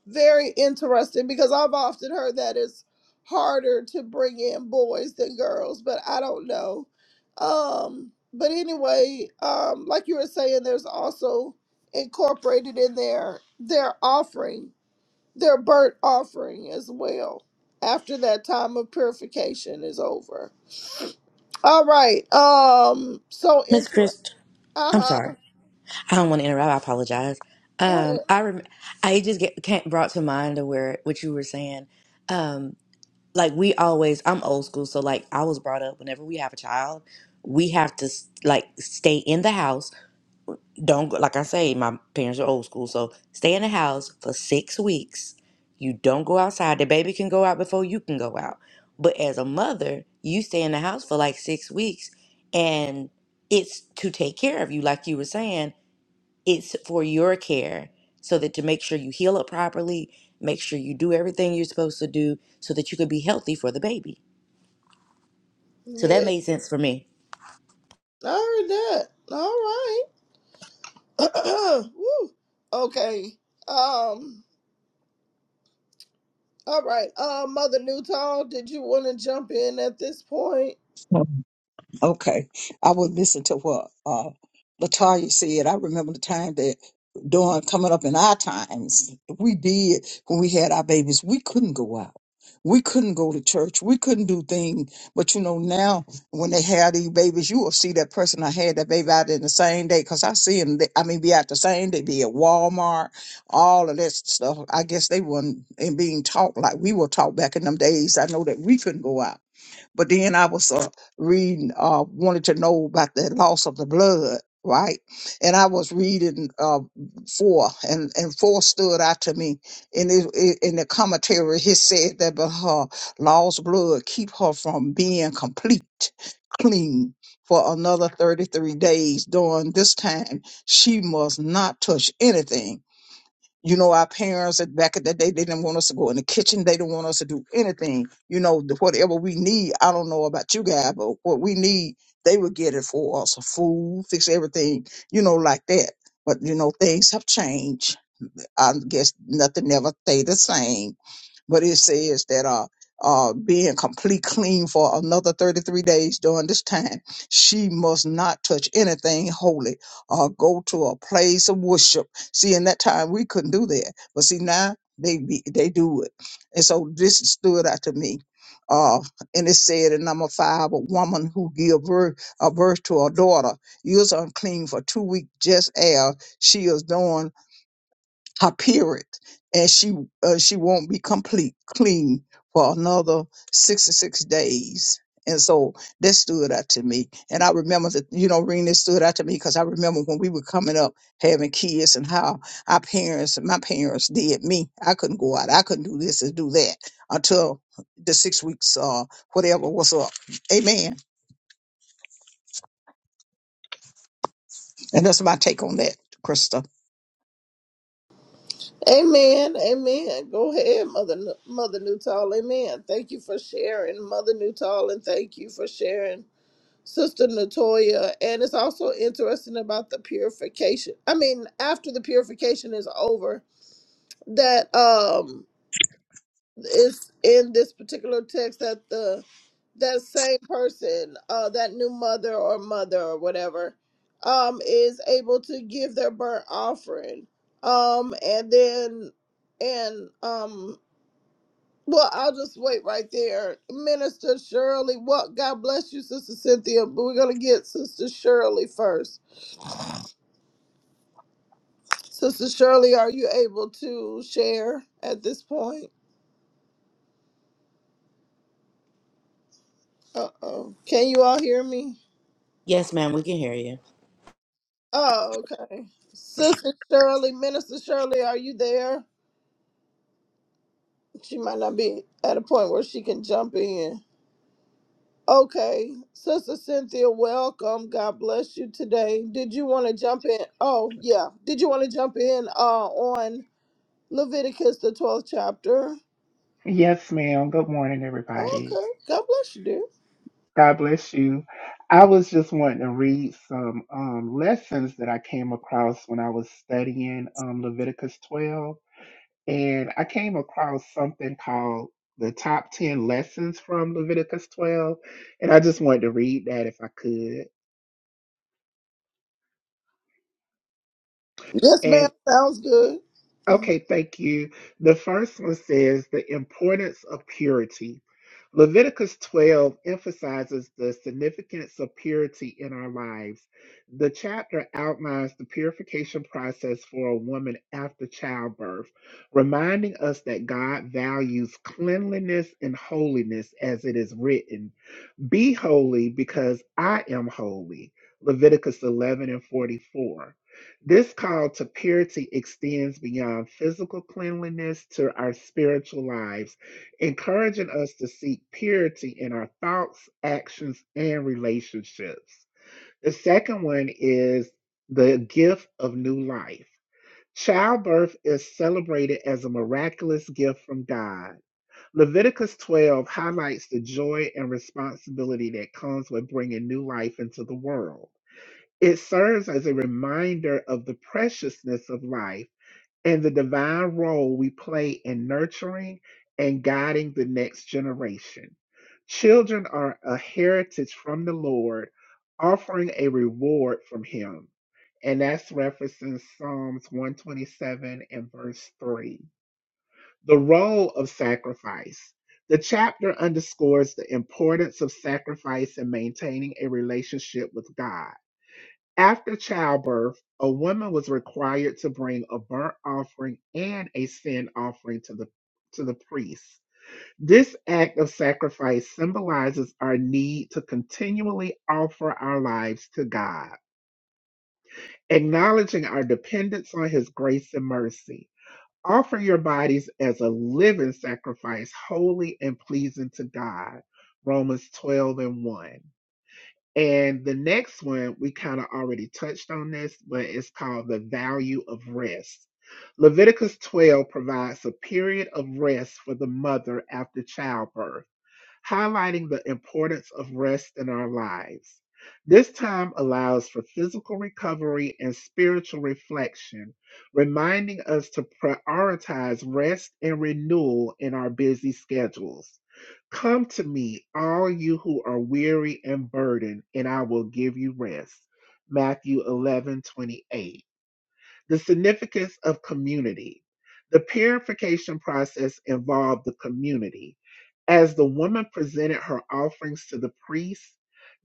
Very interesting because I've often heard that it's harder to bring in boys than girls, but I don't know. Um, but anyway, um, like you were saying, there's also incorporated in there their offering their burnt offering as well after that time of purification is over. All right. Um. So
Miss
interesting.
Christ,
Uh
I'm
huh.
sorry. I don't want to interrupt. I apologize.
Go
Um,
ahead.
I rem- I just get can't brought to mind of where what you were saying. Um, like we always i'm old school so like i was brought up whenever we have a child we have to s- like stay in the house don't go like i say my parents are old school so stay in the house for six weeks you don't go outside the baby can go out before you can go out but as a mother you stay in the house for like six weeks and it's to take care of you like you were saying it's for your care so that to make sure you heal up properly make sure you do everything you're supposed to do so that you could be healthy for the baby so that
Yeah,
made sense for me.
I heard that. All right. (clears throat) Woo. Okay. Um. All right. Uh, Mother Newtall, did you want to jump in at this point?
Okay. I would listen to what uh Latoya said. I remember the time that during coming up in our times, we did when we had our babies, we couldn't go out. We couldn't go to church. We couldn't do things. But you know, now when they have these babies, you will see that person I had that baby out in the same day. Cause I see them, they, I mean, be out the same day, be at Walmart, all of that stuff. I guess they weren't and being taught like we were taught back in them days. I know that we couldn't go out. But then I was uh, reading, uh, wanted to know about the loss of the blood, right? And I was reading uh, four, and, and four stood out to me. And it, it, in the commentary, he said that but her lost blood keep her from being complete, clean. For another 33 days during this time, she must not touch anything you know, our parents at back in the day, they didn't want us to go in the kitchen. They didn't want us to do anything. You know, the- whatever we need, I don't know about you guys, but what we need, they would get it for us, food, fix everything, you know, like that. But you know, things have changed. I guess nothing ever stay the same but it says that uh uh being complete clean for another 33 days during this time she must not touch anything holy or go to a place of worship see in that time we couldn't do that but see now they be, they do it and so this stood out to me uh and it said in number five a woman who give birth a birth to a daughter is unclean for two weeks just as she is doing her period, and she uh, she won't be complete clean for another sixty six days. And so that stood out to me. And I remember that, you know, Rena it stood out to me because I remember when we were coming up having kids and how our parents, my parents did me. I couldn't go out. I couldn't do this and do that until the six weeks, uh, whatever was up. Amen. And that's my take on that, Krista.
Amen. Amen. Go ahead, Mother N- Mother Newtall. Amen. Thank you for sharing, Mother Newtall, and thank you for sharing Sister Latoya, and it's also interesting about the purification. I mean, after the purification is over, that um is in this particular text that the that same person, uh, that new mother or mother or whatever, um, is able to give their burnt offering, um, and then and um well, I'll just wait right there. Minister Shirley, what? God bless you, Sister Cynthia. But we're going to get Sister Shirley first. Sister Shirley, are you able to share at this point? Uh oh. Can you all hear me?
Yes, ma'am, we can hear you.
Oh, okay. Sister Shirley, Minister Shirley, are you there? She might not be at a point where she can jump in. Okay. Sister Cynthia, welcome. God bless you today. Did you want to jump in? Oh, yeah. Did you want to jump in uh, on? Leviticus, the 12th chapter.
Yes, ma'am. Good morning, everybody.
Okay. God bless you, dear.
God bless you. I was just wanting to read some um, lessons that I came across when I was studying um, Leviticus 12. And I came across something called the top 10 lessons from Leviticus 12. And I just wanted to read that if I could.
Yes, ma'am. Sounds good.
Okay, thank you. The first one says the importance of purity. Leviticus 12 emphasizes the significance of purity in our lives. The chapter outlines the purification process for a woman after childbirth, reminding us that God values cleanliness and holiness as it is written be holy because I am holy. Leviticus 11 and 44. This call to purity extends beyond physical cleanliness to our spiritual lives, encouraging us to seek purity in our thoughts, actions, and relationships. The second one is the gift of new life. Childbirth is celebrated as a miraculous gift from God. Leviticus 12 highlights the joy and responsibility that comes with bringing new life into the world. It serves as a reminder of the preciousness of life and the divine role we play in nurturing and guiding the next generation. Children are a heritage from the Lord, offering a reward from Him. And that's referencing Psalms 127 and verse 3 the role of sacrifice. The chapter underscores the importance of sacrifice in maintaining a relationship with God. After childbirth, a woman was required to bring a burnt offering and a sin offering to the to the priest. This act of sacrifice symbolizes our need to continually offer our lives to God, acknowledging our dependence on his grace and mercy. Offer your bodies as a living sacrifice, holy and pleasing to God. Romans 12 and 1. And the next one, we kind of already touched on this, but it's called the value of rest. Leviticus 12 provides a period of rest for the mother after childbirth highlighting the importance of rest in our lives. This time allows for physical recovery and spiritual reflection, reminding us to prioritize rest and renewal in our busy schedules. Come to me, all you who are weary and burdened, and I will give you rest. Matthew 11 28. The significance of community. The purification process involved the community as the woman presented her offerings to the priest,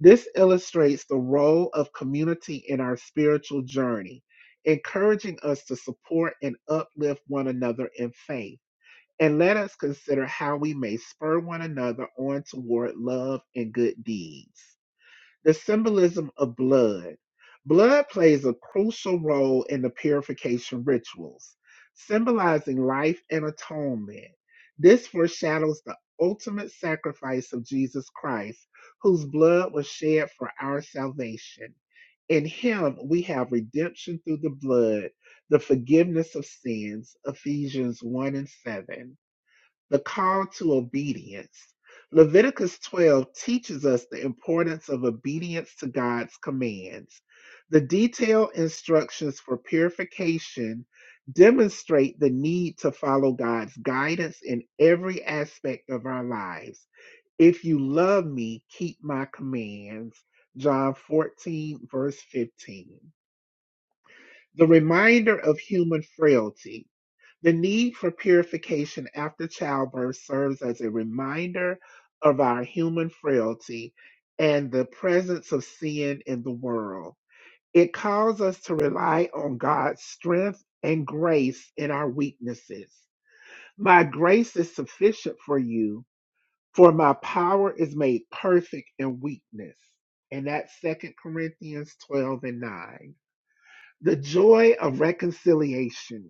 this illustrates the role of community in our spiritual journey, encouraging us to support and uplift one another in faith. And let us consider how we may spur one another on toward love and good deeds the symbolism of blood. Blood plays a crucial role in the purification rituals, symbolizing life and atonement. This foreshadows the ultimate sacrifice of Jesus Christ, whose blood was shed for our salvation. In him we have redemption through the blood, the forgiveness of sins, Ephesians 1 and 7 the call to obedience. Leviticus 12 teaches us the importance of obedience to God's commands. The detailed instructions for purification demonstrate the need to follow God's guidance in every aspect of our lives. If you love me, keep my commands. John 14, verse 15. The reminder of human frailty. The need for purification after childbirth serves as a reminder of our human frailty and the presence of sin in the world. It calls us to rely on God's strength and grace in our weaknesses. My grace is sufficient for you, for my power is made perfect in weakness. And that's 2 Corinthians 12 and 9. The joy of reconciliation.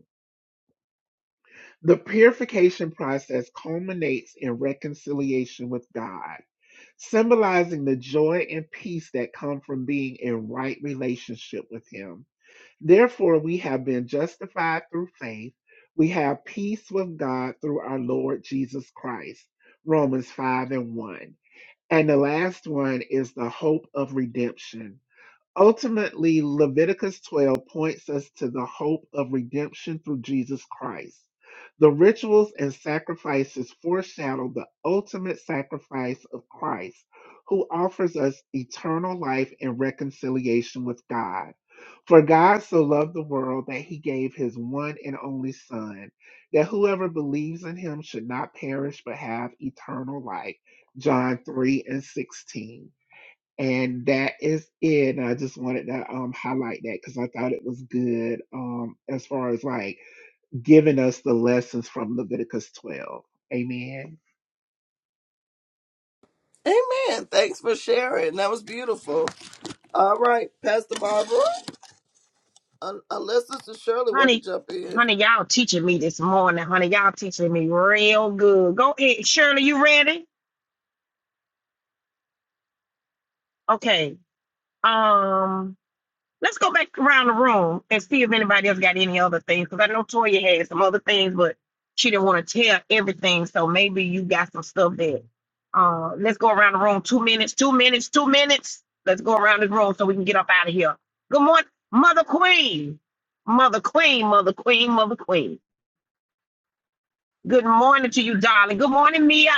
The purification process culminates in reconciliation with God, symbolizing the joy and peace that come from being in right relationship with Him. Therefore, we have been justified through faith. We have peace with God through our Lord Jesus Christ. Romans 5 and 1. And the last one is the hope of redemption. Ultimately, Leviticus 12 points us to the hope of redemption through Jesus Christ. The rituals and sacrifices foreshadow the ultimate sacrifice of Christ, who offers us eternal life and reconciliation with God. For God so loved the world that he gave his one and only Son, that whoever believes in him should not perish but have eternal life. John 3 and 16. And that is it. And I just wanted to um, highlight that because I thought it was good um, as far as like giving us the lessons from Leviticus 12. Amen.
Amen. Thanks for sharing. That was beautiful. All right, Pastor Barbara. Un- unless Sister Shirley wanted
Honey,
to jump in.
honey, y'all teaching me this morning. Honey, y'all teaching me real good. Go ahead. Shirley, you ready? Okay. Um, let's go back around the room and see if anybody else got any other things. Because I know Toya had some other things, but she didn't want to tell everything. So maybe you got some stuff that. Uh, let's go around the room. Two minutes. Two minutes. Two minutes. Let's go around the room so we can get up out of here. Good morning, Mother Queen. Mother Queen. Mother Queen. Mother Queen. Good morning to you, darling. Good morning, Mia,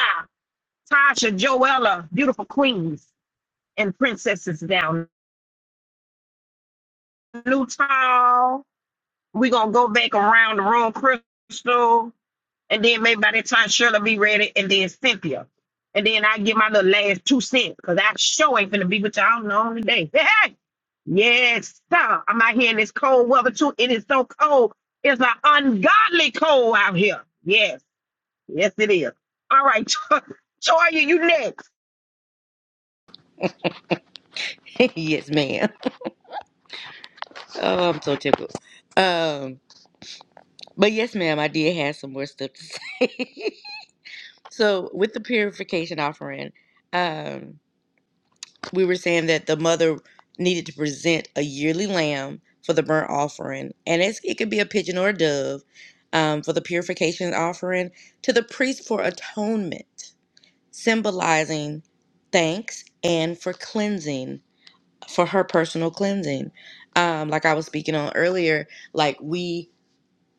Tasha, Joella, beautiful queens and princesses down. New Tall. we gonna go back around the room, Crystal, and then maybe by the time Shirley be ready, and then Cynthia, and then I get my little last two cents because I sure ain't finna be with y'all no on today. (laughs) yes, sir. I'm out here in this cold weather too. It is so cold. It's an ungodly cold out here. Yes, yes it is. All right, (laughs) Toya, you next.
(laughs) yes, ma'am. Oh, I'm so tickled. Um, but yes, ma'am, I did have some more stuff to say. (laughs) so with the purification offering, um, we were saying that the mother needed to present a yearly lamb for the burnt offering, and it's, it could be a pigeon or a dove um, for the purification offering to the priest for atonement, symbolizing thanks and for cleansing. for her personal cleansing. Um, like I was speaking on earlier, like we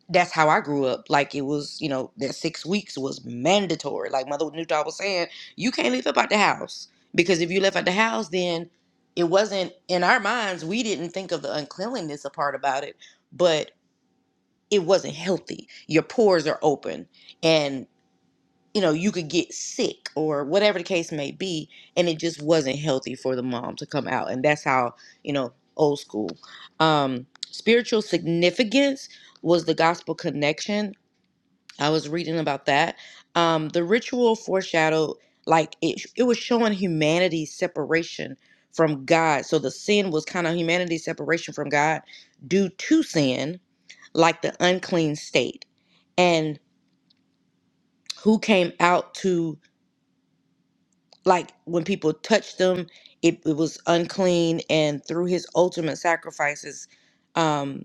that's how I grew up. Like it was, you know, that six weeks was mandatory. Like Mother Newtall was saying, you can't leave up out the house. Because if you left out the house, then it wasn't in our minds, we didn't think of the uncleanliness a part about it, but it wasn't healthy. Your pores are open. and you know, you could get sick or whatever the case may be. And it just wasn't healthy for the mom to come out. And that's how, you know, old school. Um, spiritual significance was the gospel connection. I was reading about that. Um, the ritual foreshadowed, like, it, it was showing humanity's separation from God. So the sin was kind of humanity's separation from God due to sin, like the unclean state. And who came out to like when people touched them it, it was unclean and through his ultimate sacrifices um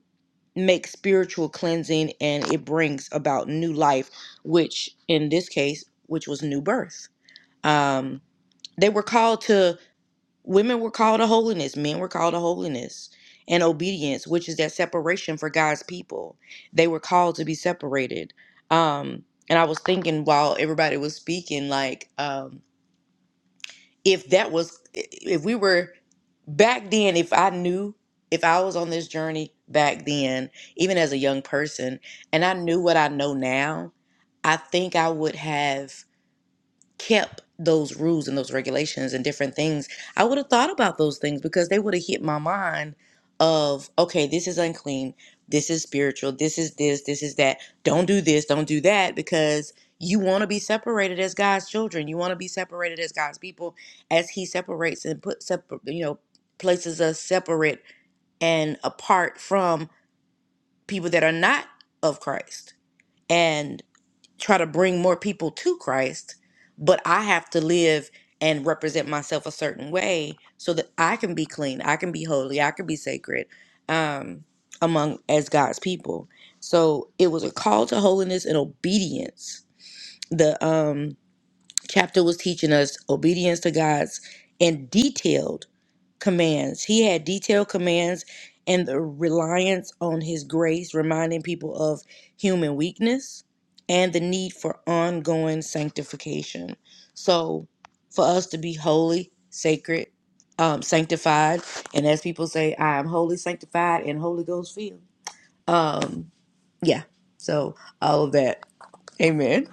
make spiritual cleansing and it brings about new life which in this case which was new birth um they were called to women were called to holiness men were called to holiness and obedience which is that separation for god's people they were called to be separated um and i was thinking while everybody was speaking like um if that was if we were back then if i knew if i was on this journey back then even as a young person and i knew what i know now i think i would have kept those rules and those regulations and different things, I would have thought about those things because they would have hit my mind of, okay, this is unclean, this is spiritual, this is this, this is that. Don't do this, don't do that because you want to be separated as God's children. You want to be separated as God's people as he separates and put separ- you know, places us separate and apart from people that are not of Christ try to bring more people to Christ, but I have to live and represent myself a certain way so that I can be clean, I can be holy, I can be sacred um, among as God's people. So it was a call to holiness and obedience. The um, chapter was teaching us obedience to God's and detailed commands. He had detailed commands and the reliance on his grace, reminding people of human weakness and the need for ongoing sanctification. So, for us to be holy, sacred, um, sanctified, and as people say, I am holy, sanctified, and Holy Ghost filled. Um, yeah. So all of that. Amen.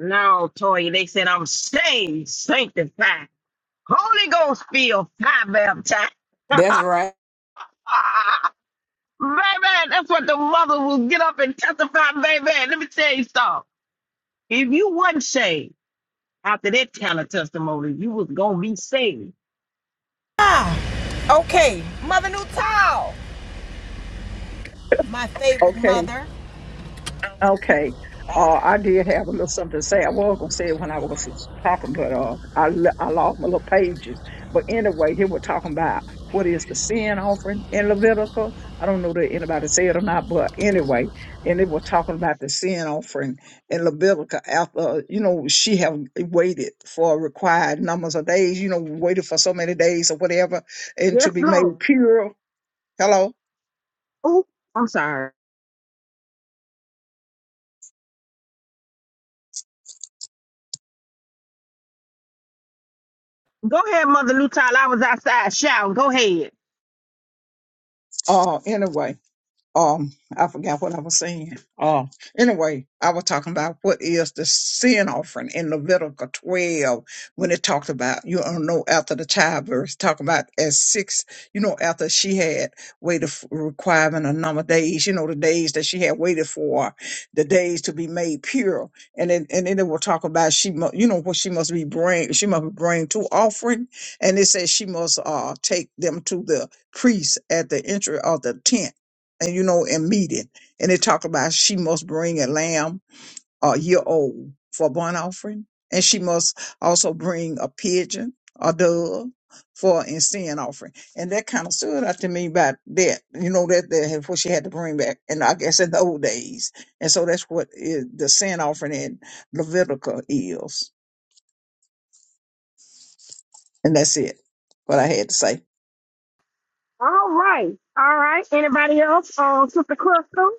No, Toya, they said I'm saved, sanctified, Holy Ghost filled, fire baptized.
That's right.
(laughs) Baby, that's what the mother will get up and testify, baby. Let me tell you something. If you wasn't saved after that kind of testimony, you was gonna be saved.
Okay. Okay. Uh, I did have a little something to say. I was gonna say it when I was talking, but uh, I l- I lost my little pages. But anyway, here we're talking about what is the sin offering in Levitical. I don't know that anybody said or not, but anyway, and it was talking about the sin offering in Levitical after you know she have waited for required numbers of days. You know, waited for so many days or whatever, and
Yes,
to be
Lord.
made pure. Hello.
Oh, I'm sorry. Go ahead, Mother Lutal. I was outside shouting. Go ahead.
Uh, anyway. um I forgot what I was saying. Um anyway, I was talking about what is the sin offering in Leviticus 12 when it talked about you know after the childbirth, talking about as six, you know, after she had waited for requirement a number of days, you know, the days that she had waited for, the days to be made pure. And then and then it will talk about she must you know what she must be bring she must bring to offering. And it says she must uh take them to the priest at the entry of the tent and you know, in meeting. And it talked about she must bring a lamb a year old for a burnt offering, and she must also bring a pigeon, a dove for a sin offering. And that kind of stood out to me about that, you know, that, that what she had to bring back. And I guess in the old days. And so that's what is the sin offering in Leviticus is. And that's it, what I had to say.
All right. All right. Anybody else? Um, Sister Crystal?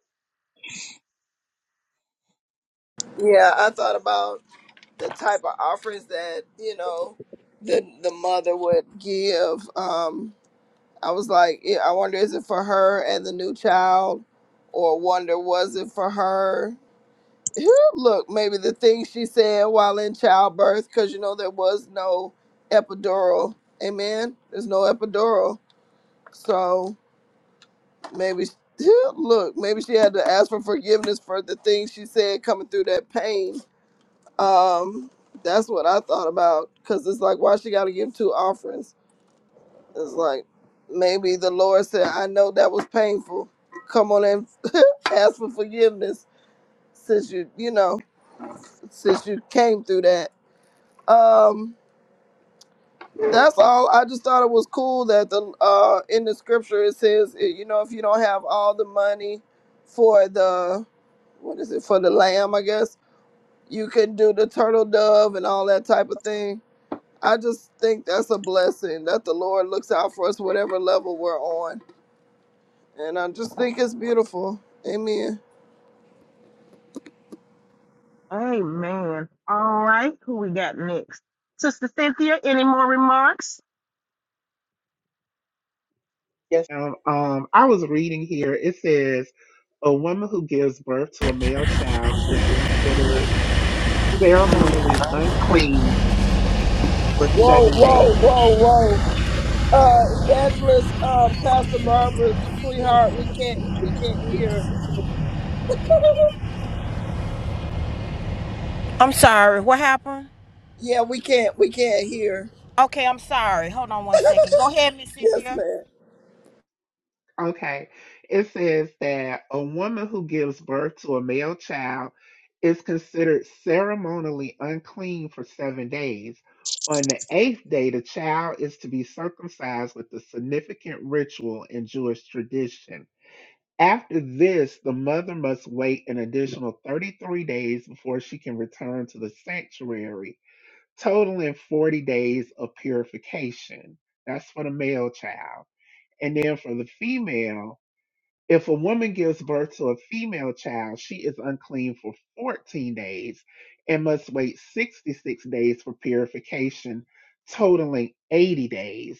Yeah, I thought about the type of offerings that you know the the mother would give. Um, I was like, yeah, I wonder is it for her and the new child, or wonder was it for her? (laughs) look, maybe the things she said while in childbirth, because you know there was no epidural. Amen. There's no epidural, so maybe (laughs) look, maybe she had to ask for forgiveness for the things she said coming through that pain. Um, that's what I thought about, because it's like why she got to give two offerings. It's like maybe the Lord said, "I know that was painful. Come on and (laughs) ask for forgiveness since you, you know, since you came through that." Um, that's all. I just thought it was cool that the uh in the scripture it says, eh, you know, if you don't have all the money for the what is it for the lamb, I guess you can do the turtle dove and all that type of thing. I just think that's a blessing that the Lord looks out for us, whatever level we're on, and I just think it's beautiful. Amen.
Amen. All right. Who we got next? Sister Cynthia, any more remarks?
Yes. Um, um, I was reading here. It says, a woman who gives birth to a male child is considered ceremonially unclean for
Whoa,
seven
whoa,
days.
whoa, whoa! Uh, evangelist, uh, Pastor Barbara, sweetheart, we can't, we can't hear.
I'm sorry. What happened?
Yeah, we can't we can't hear.
Okay, I'm sorry. Hold on one second. Go ahead, Miss
Yes,
Cynthia.
ma'am.
Okay. It says that a woman who gives birth to a male child is considered ceremonially unclean for seven days. On the eighth day, the child is to be circumcised with a significant ritual in Jewish tradition. After this, the mother must wait an additional 33 days before she can return to the sanctuary, totaling 40 days of purification. That's for the male child. And then for the female, if a woman gives birth to a female child, she is unclean for 14 days and must wait 66 days for purification, totaling 80 days.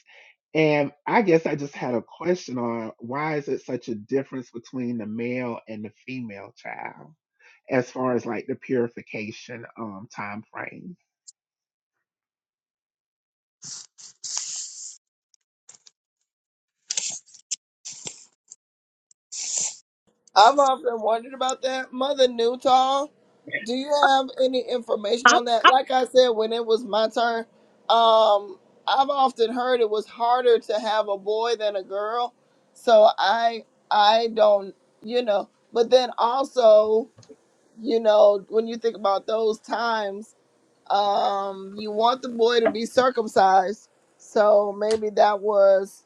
And I guess I just had a question on why is it such a difference between the male and the female child as far as like the purification um time frame?
I've often wondered about that. Mother Newtall, do you have any information on that? Like I said, when it was my turn, um, I've often heard it was harder to have a boy than a girl. So I I don't you know, but then also, you know, when you think about those times um you want the boy to be circumcised so maybe that was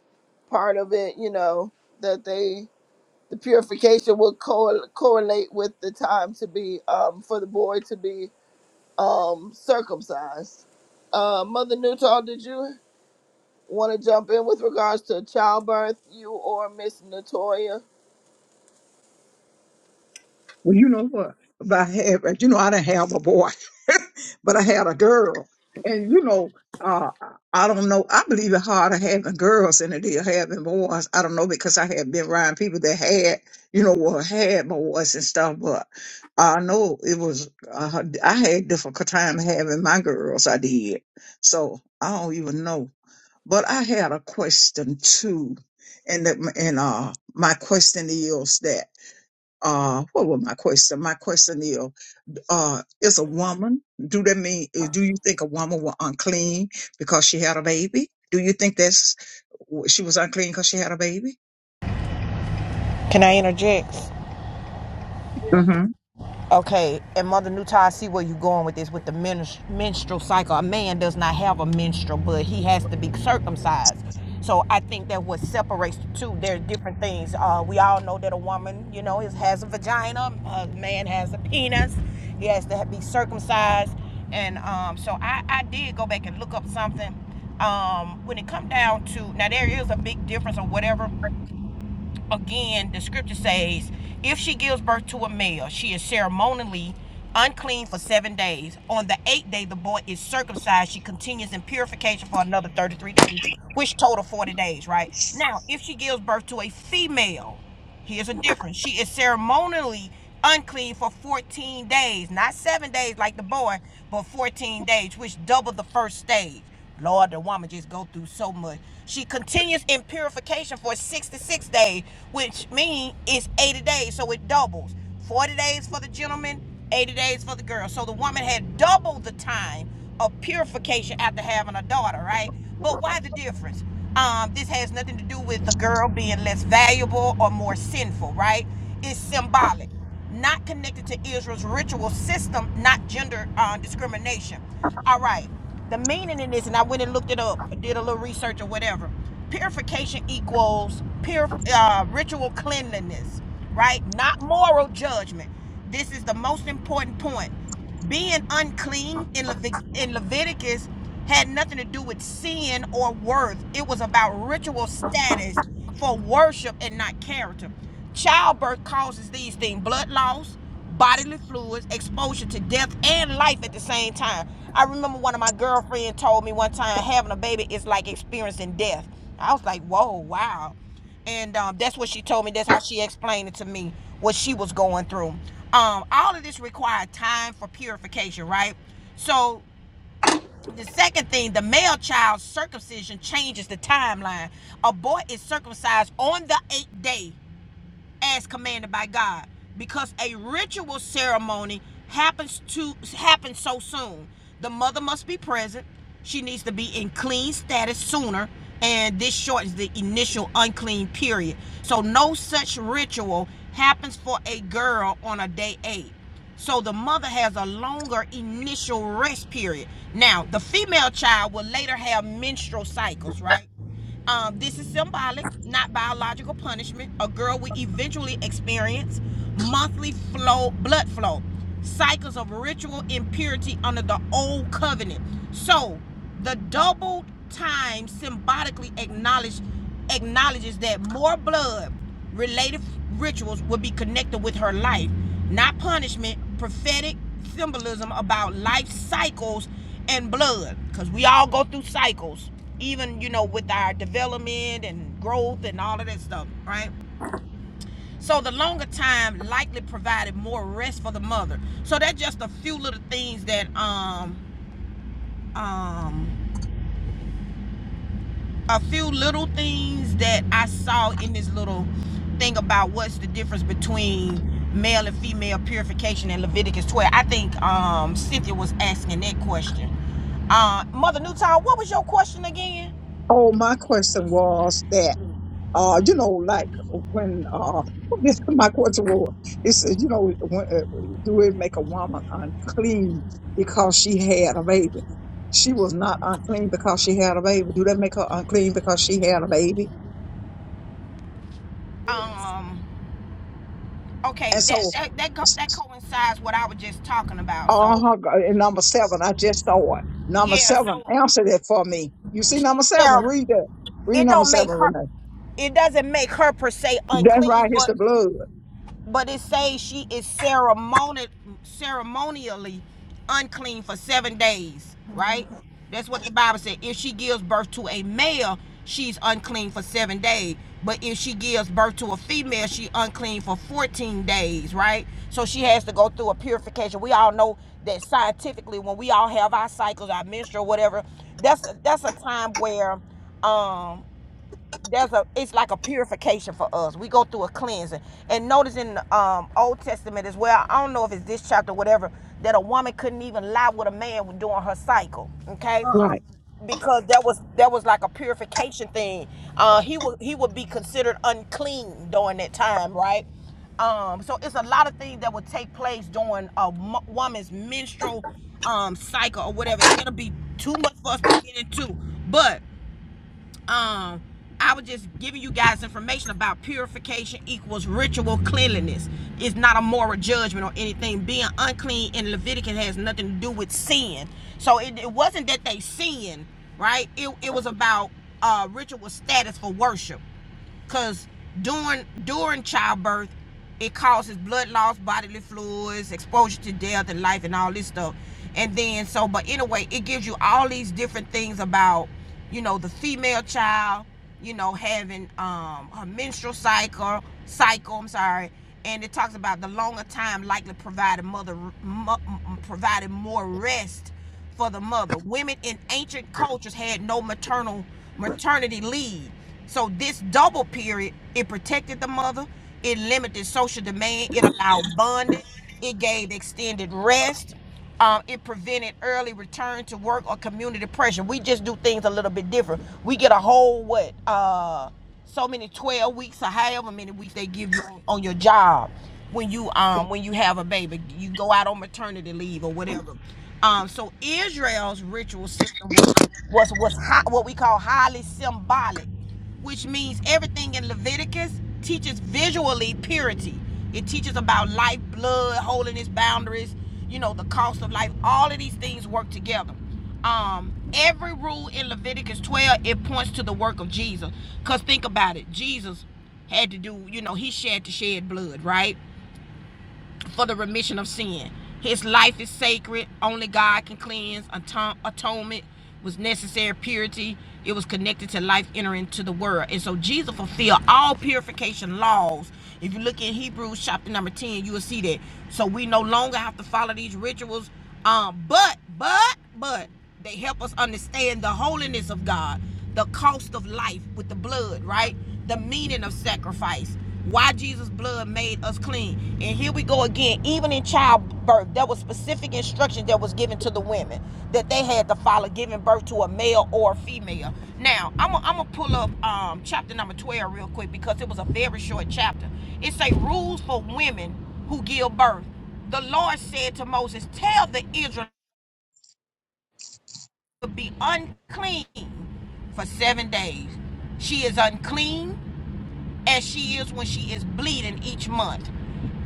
part of it you know that they the purification would co- correlate with the time to be um for the boy to be um circumcised uh mother newtall did you want to jump in with regards to childbirth you or miss natoya
Well, you know what? But I had, you know, I didn't have a boy, (laughs) but I had a girl, and you know, uh, I don't know. I believe it's harder having girls than it is having boys. I don't know because I have been around people that had, you know, well, had boys and stuff, but I know it was. Uh, I had difficult time having my girls. I did, so I don't even know. But I had a question too, and the, and uh, my question is that uh what was my question my question is uh is a woman do that mean do you think a woman was unclean because she had a baby do you think that's she was unclean because she had a baby
Can I interject?
yeah
hmm
Okay, and Mother Nutah, I see where you're going with this with the menstrual cycle. A man does not have a menstrual, but he has to be circumcised. So I think that what separates the two, there are different things. Uh, we all know that a woman, you know, is, has a vagina, a man has a penis, he has to be circumcised. And um, so I, I did go back and look up something um, when it come down to now there is a big difference or whatever again, the scripture says, if she gives birth to a male, she is ceremonially unclean for seven days. On the eighth day, the boy is circumcised. She continues in purification for another 33 days, which total 40 days, right? Now, if she gives birth to a female, Here's a difference. She is ceremonially unclean for 14 days, not seven days like the boy, but 14 days, which double the first stage. Lord, the woman just go through so much. She continues in purification for 66 days, which means it's 80 days, so it doubles. 40 days for the gentleman, 80 days for the girl. So the woman had double the time of purification after having a daughter, right? But why the difference? Um, this has nothing to do with the girl being less valuable or more sinful, right? It's symbolic, not connected to Israel's ritual system, not gender uh, discrimination. All right, the meaning in this, and I went and looked it up, did a little research or whatever. Purification equals pure uh, ritual cleanliness, right? Not moral judgment. This is the most important point. Being unclean in, Levit- in Leviticus had nothing to do with sin or worth. It was about ritual status for worship and not character. Childbirth causes these things blood loss, bodily fluids, exposure to death and life at the same time. I remember one of my girlfriends told me one time having a baby is like experiencing death. I was like, whoa, wow. And um, that's what she told me. That's how she explained it to me, what she was going through um all of this required time for purification right so the second thing the male child's circumcision changes the timeline a boy is circumcised on the eighth day as commanded by God because a ritual ceremony happens to happen so soon. The mother must be present. She needs to be in clean status sooner, and this shortens the initial unclean period. So no such ritual happens for a girl on a day 8. So the mother has a longer initial rest period. Now, the female child will later have menstrual cycles, right? Um, this is symbolic, not biological punishment. A girl will eventually experience monthly flow, blood flow, cycles of ritual impurity under the old covenant. So the double time symbolically acknowledge, acknowledges that more blood related rituals will be connected with her life, not punishment, prophetic symbolism about life cycles and blood. Because we all go through cycles, even, you know, with our development and growth and all of that stuff, right? So the longer time likely provided more rest for the mother. So that's just a few little things that um um a few little things that I saw in this little thing about what's the difference between male and female purification in Leviticus 12. I think um, Cynthia was asking that question. Uh, Mother Newtown, what was your question again?
oh my question was that uh you know like when uh (laughs) this my question was it's you know when, uh, do it make a woman unclean because she had a baby she was not unclean because she had a baby do that make her unclean because she had a baby
Um, okay,
and
that
so
that that, co- that coincides what I was just talking about. So
Uh-huh. go- and Number seven, I just saw it. Number
yeah,
seven,
so
answer that for me. You see
she
number seven,
said
read that. Read
it
number
don't make
seven,
her
Renee.
it doesn't make her per se
That's
unclean,
right, it's
but
the blood.
but it says she is ceremoni- ceremonially unclean for seven days, right? That's what the Bible said. If she gives birth to a male, she's unclean for seven days. But if she gives birth to a female, she unclean for 14 days, right? So she has to go through a purification. We all know that scientifically, when we all have our cycles, our menstrual, whatever, that's that's a time where um there's a it's like a purification for us we go through a cleansing and notice in the um, old testament as well i don't know if it's this chapter or whatever that a woman couldn't even lie with a man during her cycle okay
Right.
because that was that was like a purification thing uh he would he would be considered unclean during that time right um so it's a lot of things that would take place during a woman's menstrual um cycle or whatever it'll be too much for us to get into but um I was just giving you guys information about purification equals ritual cleanliness. It's not a moral judgment or anything. Being unclean in Leviticus has nothing to do with sin. So it, it wasn't that they sinned, right? It, it was about uh, ritual status for worship. Cause during during childbirth, it causes blood loss, bodily fluids, exposure to death and life, and all this stuff. And then so, but anyway, it gives you all these different things about, you know, the female child, you know, having um her menstrual cycle, cycle. I'm sorry. And it talks about the longer time likely provided mother mo- provided more rest for the mother. Women in ancient cultures had no maternal maternity leave. So this double period, it protected the mother, it limited social demand, it allowed bonding, it gave extended rest, um, it prevented early return to work or community pressure. We just do things a little bit different. We get a whole what? Uh so many 12 weeks or however many weeks they give you on, your job when you um when you have a baby you go out on maternity leave or whatever um so israel's ritual system was was high, what we call highly symbolic, which means everything in Leviticus teaches visually purity. It teaches about life, blood, holiness, boundaries, you know, the cost of life. All of these things work together. Um, every rule in Leviticus 12 it points to the work of Jesus. Cause think about it, Jesus had to do, you know, he had to shed blood, right? for the remission of sin. His life is sacred. Only God can cleanse. Atonement was necessary. Purity. It was connected to life entering to the world. And so Jesus fulfilled all purification laws. If you look in Hebrews chapter number 10, you will see that. So we no longer have to follow these rituals. Um, but, but, but they help us understand the holiness of God, the cost of life with the blood, right? The meaning of sacrifice why Jesus' blood made us clean. And here we go again. Even in childbirth, there was specific instructions that was given to the women that they had to follow, giving birth to a male or a female. Now, I'm gonna pull up um, chapter number 12 real quick because it was a very short chapter. It say rules for women who give birth. The Lord said to Moses, "Tell the Israelites to be unclean for seven days. She is unclean as she is when she is bleeding each month.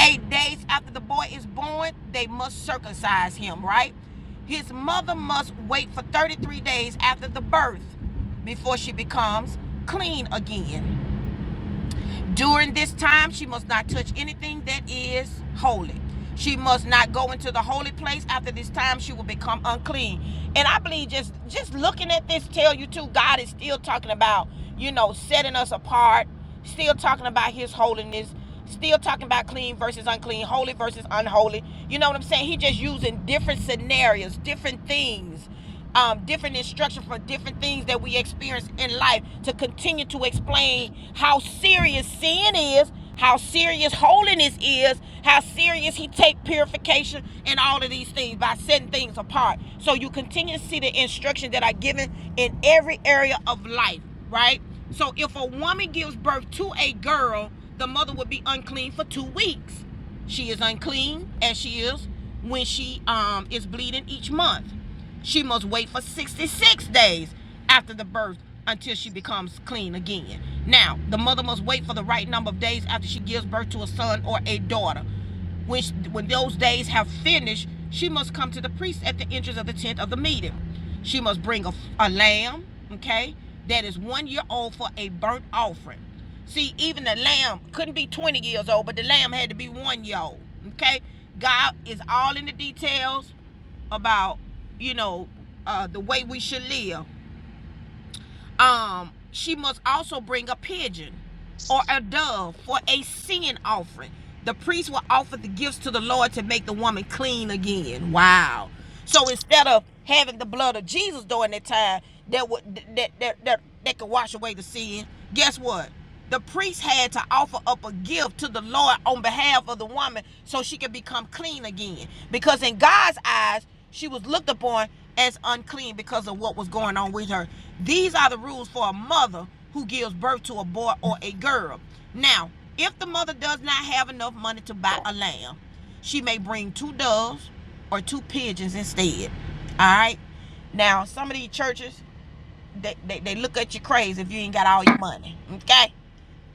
Eight days after the boy is born, they must circumcise him, right? His mother must wait for 33 days after the birth before she becomes clean again. During this time, she must not touch anything that is holy. She must not go into the holy place. After this time, she will become unclean. And I believe just just looking at this tell you too, God is still talking about, you know, setting us apart, still talking about his holiness, still talking about clean versus unclean, holy versus unholy. You know what I'm saying? He just using different scenarios, different things um, different instruction for different things that we experience in life to continue to explain how serious sin is, how serious holiness is, how serious he take purification and all of these things by setting things apart. So you continue to see the instruction that are given in every area of life, right? So if a woman gives birth to a girl, the mother would be unclean for two weeks. She is unclean as she is when she um, is bleeding each month. She must wait for 66 days after the birth until she becomes clean again. Now, the mother must wait for the right number of days after she gives birth to a son or a daughter when, when those days have finished, she must come to the priest at the entrance of the tent of the meeting. She must bring a, a lamb, okay, that is one year old for a burnt offering. See, even the lamb couldn't be 20 years old, but the lamb had to be one year old, okay? God is all in the details about, you know, uh, the way we should live um she must also bring a pigeon or a dove for a sin offering the priest will offer the gifts to the lord to make the woman clean again wow so instead of having the blood of jesus during that time that would that that that, that could wash away the sin guess what the priest had to offer up a gift to the Lord on behalf of the woman so she could become clean again. Because in God's eyes, she was looked upon as unclean because of what was going on with her. These are the rules for a mother who gives birth to a boy or a girl. Now, if the mother does not have enough money to buy a lamb, she may bring two doves or two pigeons instead. All right. Now, some of these churches, they, they, they look at you crazy if you ain't got all your money. Okay.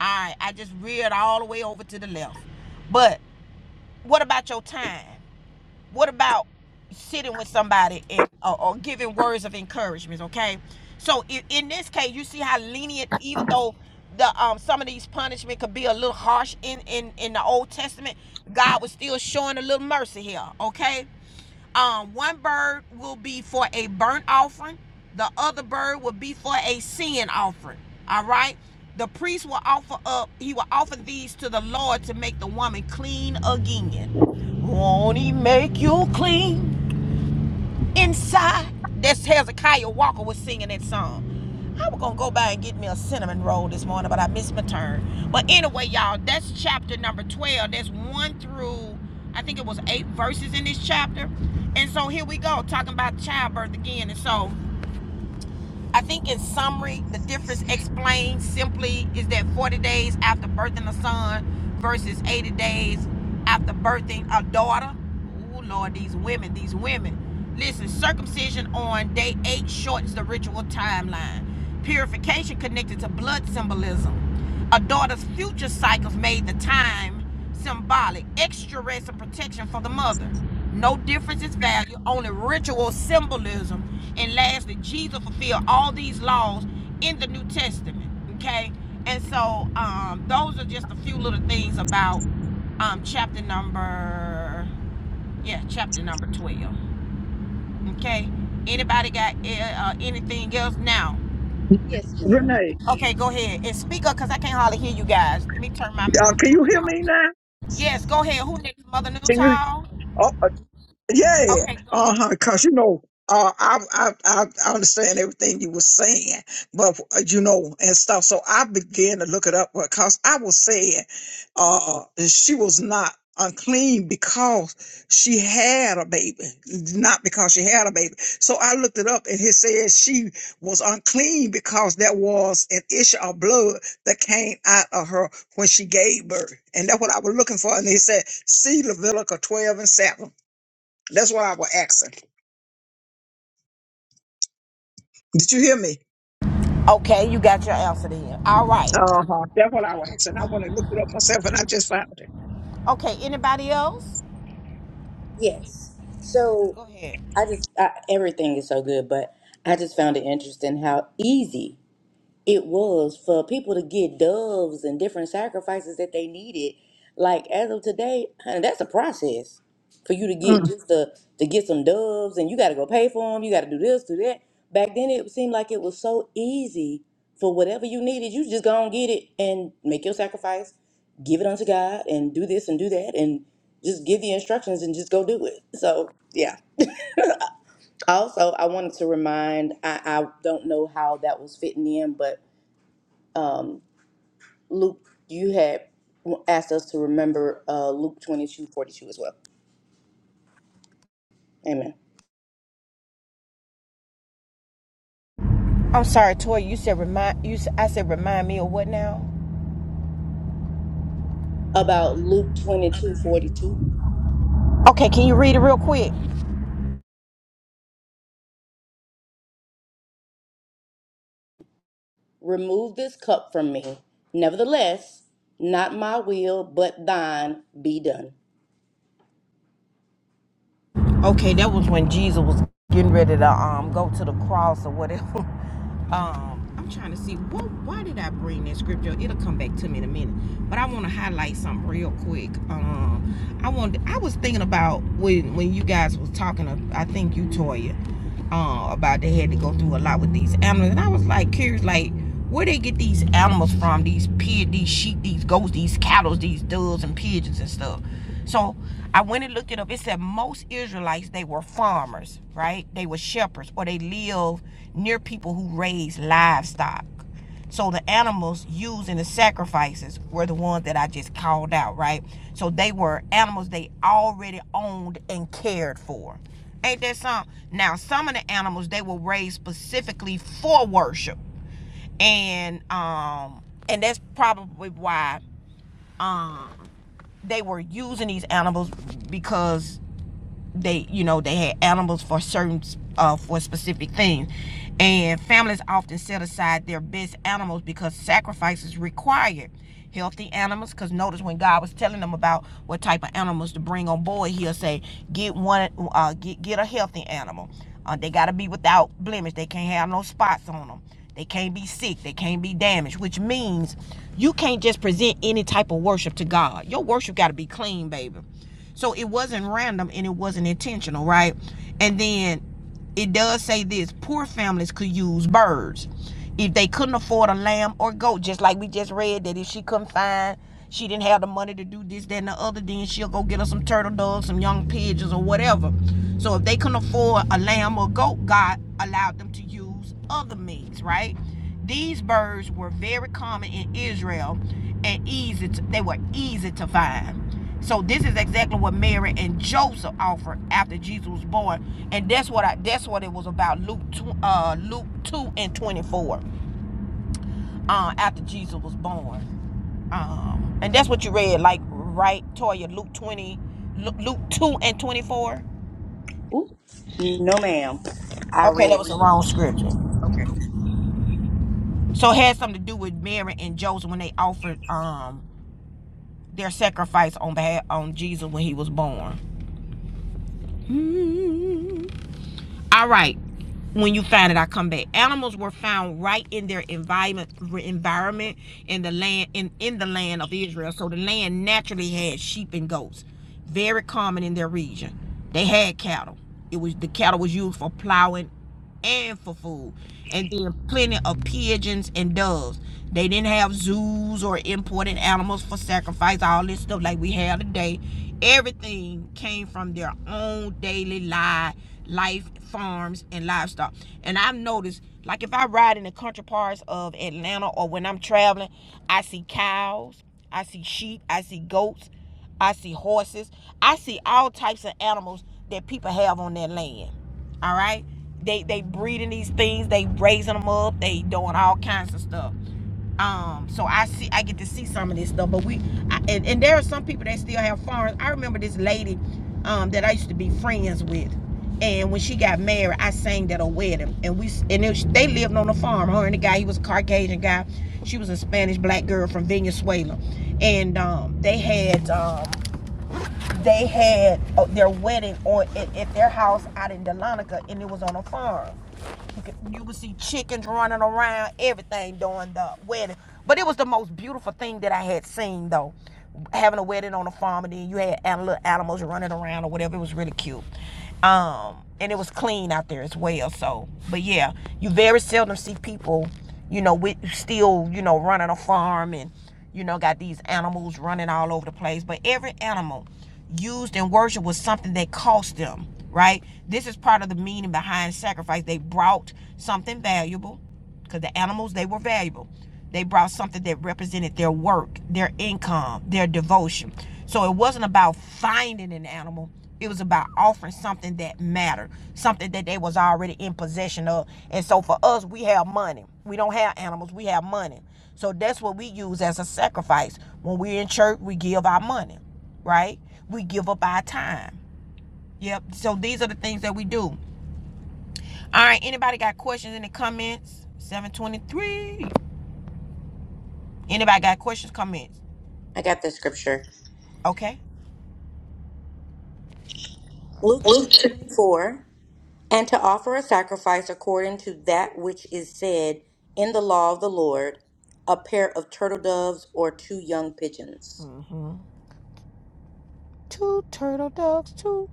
All right. I just reared all the way over to the left. But what about your time? what about sitting with somebody and or, or giving words of encouragement okay so in, in this case you see how lenient even though the um some of these punishment could be a little harsh in in in the old testament god was still showing a little mercy here okay um, one bird will be for a burnt offering. The other bird will be for a sin offering. All right. The priest will offer up. He will offer these to the Lord to make the woman clean again. Won't He make you clean? Inside, that's Hezekiah Walker was singing that song. I was gonna go by and get me a cinnamon roll this morning, but I missed my turn. But anyway, y'all, that's chapter number 12. That's one through I think it was eight verses in this chapter. And so here we go, talking about childbirth again. And so I think in summary, the difference explained simply is that 40 days after birthing a son versus 80 days after birthing a daughter. Ooh, Lord, these women, these women. Listen, circumcision on day eight shortens the ritual timeline. Purification connected to blood symbolism. A daughter's future cycles made the time symbolic. Extra rest and protection for the mother. No difference is value, only ritual symbolism and lastly, Jesus fulfilled all these laws in the New Testament. Okay. And so um, those are just a few little things about um, chapter number, yeah, chapter number 12. Okay. Anybody got uh, uh, anything else now?
Yes, ma'am.
Renee,
Okay, go ahead and speak up because I can't hardly hear you guys. Let me turn my
uh,
mute
can you
button
hear me
on.
now?
Yes, go ahead. Who next? Mother
Can you?
Newtall?
Oh, Yeah,
Okay, go
uh huh.
ahead.
Cause you know, uh, I, I I I understand everything you were saying, but uh, you know, and stuff. So I began to look it up because I was saying, uh, she was not unclean because she had a baby, not because she had a baby. So I looked it up, and it says she was unclean because there was an issue of blood that came out of her when she gave birth, and that's what I was looking for. And they said, see Leviticus twelve and seven. That's what I was asking. Did you hear me?
Okay, you got your answer then. All right.
Uh-huh. That's what I was asking. I want to look it up myself and I just found it.
Okay, anybody else?
Yes. So
Go ahead.
I just I, everything is so good, but I just found it interesting how easy it was for people to get doves and different sacrifices that they needed. Like as of today, honey, that's a process for you to get
Mm.
just to to get some doves, and you got to go pay for them. You got to do this, do that. Back then, it seemed like it was so easy for whatever you needed. You just go and get it and make your sacrifice, give it unto God, and do this and do that, and just give the instructions and just go do it. So yeah. Also, I wanted to remind, I, I don't know how that was fitting in, but Luke, you had asked us to remember uh, Luke twenty-two forty-two as well. Amen.
I'm sorry, Toy. You said remind you. I said remind me of what now?
About Luke twenty-two forty-two,
Okay, can you read it real quick?
Remove this cup from me. Nevertheless, not my will, but thine be done.
Okay, that was when Jesus was getting ready to um go to the cross or whatever. (laughs) um, I'm trying to see what why did I bring that scripture? It'll come back to me in a minute. But I want to highlight something real quick. Um, I want I was thinking about when when you guys was talking. uh, I think you Toya, uh, about they had to go through a lot with these animals, and I was like curious, like where they get these animals from? These pigs, these sheep, these goats, these cattle, these doves and pigeons and stuff. So I went and looked it up. It said most Israelites, they were farmers, right? They were shepherds or they lived near people who raised livestock. So the animals used in the sacrifices were the ones that I just called out, right? So they were animals they already owned and cared for. Ain't that some? Now, some of the animals they were raised specifically for worship and um and that's probably why um they were using these animals because they you know they had animals for certain uh, for specific things and families often set aside their best animals because sacrifice is required healthy animals because notice when god was telling them about what type of animals to bring on board he'll say get one uh, get, get a healthy animal uh, they got to be without blemish they can't have no spots on them they can't be sick they can't be damaged which means you can't just present any type of worship to god your worship got to be clean baby so it wasn't random and it wasn't intentional, right? And then it does say this poor families could use birds. If they couldn't afford a lamb or goat, just like we just read that if she couldn't find, she didn't have the money to do this, that, and the other, then she'll go get her some turtle doves, some young pigeons, or whatever. So if they couldn't afford a lamb or goat, God allowed them to use other meats, right? These birds were very common in Israel and easy to, they were easy to find. So this is exactly what Mary and Joseph offered after Jesus was born, and that's what I that's what it was about. Luke two, uh, Luke two and twenty four, uh, after Jesus was born, um, and that's what you read, like right, Toya, Luke twenty, Luke two and twenty four.
Ooh, no, ma'am. I
Okay, that
read.
was the wrong scripture.
Okay.
So it had something to do with Mary and Joseph when they offered um their sacrifice on behalf on Jesus when he was born. All right. When you find it, I come back. Animals were found right in their environment, environment in the land in, in the land of Israel. So the land naturally had sheep and goats, very common in their region. They had cattle. It was the cattle was used for plowing and for food. And then plenty of pigeons and doves. They didn't have zoos or imported animals for sacrifice, all this stuff like we have today. Everything came from their own daily life, life farms and livestock. And I've noticed, like if I ride in the country parts of Atlanta or when I'm traveling, I see cows, I see sheep, I see goats. I see horses. I see all types of animals that people have on their land. All right. They they breeding these things. They raising them up. They doing all kinds of stuff. Um. So I see. I get to see some of this stuff. But we I, and and there are some people that still have farms. I remember this lady, um, that I used to be friends with. And when she got married, I sang at a wedding, and we and it, they lived on a farm. Her and the guy, he was a Caucasian guy. She was a Spanish black girl from Venezuela, and um, they had um, they had uh, their wedding on at, at their house out in Delonica, and it was on a farm. You could, you would see chickens running around, everything during the wedding. But it was the most beautiful thing that I had seen, though. Having a wedding on a farm, and then you had little animals running around or whatever. It was really cute. Um, and it was clean out there as well. So, but yeah, you very seldom see people, you know, with still, you know, running a farm and you know, got these animals running all over the place. But every animal used in worship was something that cost them, right? This is part of the meaning behind sacrifice. They brought something valuable because the animals, they were valuable. They brought something that represented their work, their income, their devotion. So it wasn't about finding an animal. It was about offering something that mattered, something that they was already in possession of. And so for us, we have money. We don't have animals. We have money. So that's what we use as a sacrifice. When we're in church, we give our money right? We give up our time. Yep. So these are the things that we do. All right. Anybody got questions in the comments? 723. Anybody got questions, comments?
I got the scripture.
Okay.
Luke 2:24, and to offer a sacrifice according to that which is said in the law of the Lord, a pair of turtle doves or two young pigeons.
Mm-hmm. Two turtle doves, two.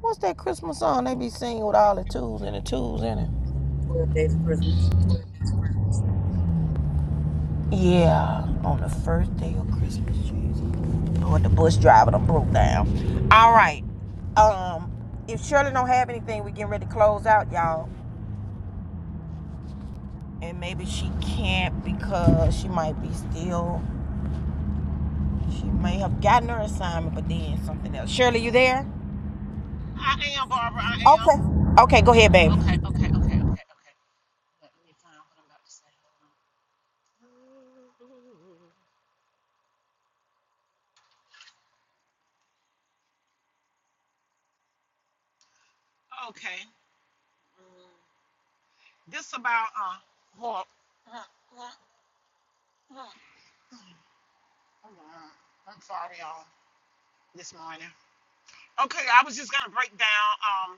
What's that Christmas song they be singing with all the twos and the twos in it?
12 days of Christmas.
Yeah. On the first day of Christmas, Jesus. Lord, the bus driver done broke down. All right. Um, if Shirley don't have anything, we getting ready to close out, y'all. and maybe she can't because she might be still she may have gotten her assignment but then something else shirley you there
I am, Barbara. I am.
okay okay go ahead baby
Okay, okay, okay, okay, okay. Let me find what I'm about to say. Hold on. Okay. This about uh well I'm sorry y'all this morning. Okay, I was just gonna break down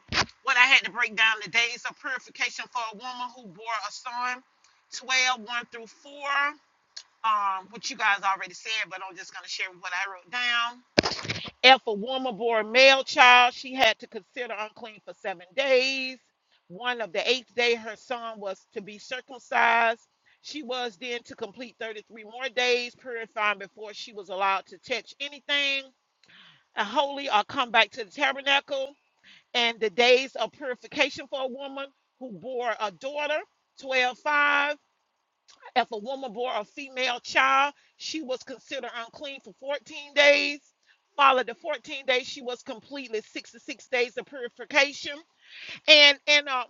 um what I had to break down the days of purification for a woman who bore a son, Twelve one through 4. Um, what you guys already said, but I'm just gonna share what I wrote down. If a woman bore a male child, she had to consider unclean for seven days. One of the eighth day, her son was to be circumcised. She was then to complete 33 more days purifying before she was allowed to touch anything uh, holy or come back to the tabernacle. And the days of purification for a woman who bore a daughter, 12:5. If a woman bore a female child, she was considered unclean for 14 days. Followed the 14 days, she was completely 66 days of purification. And and uh,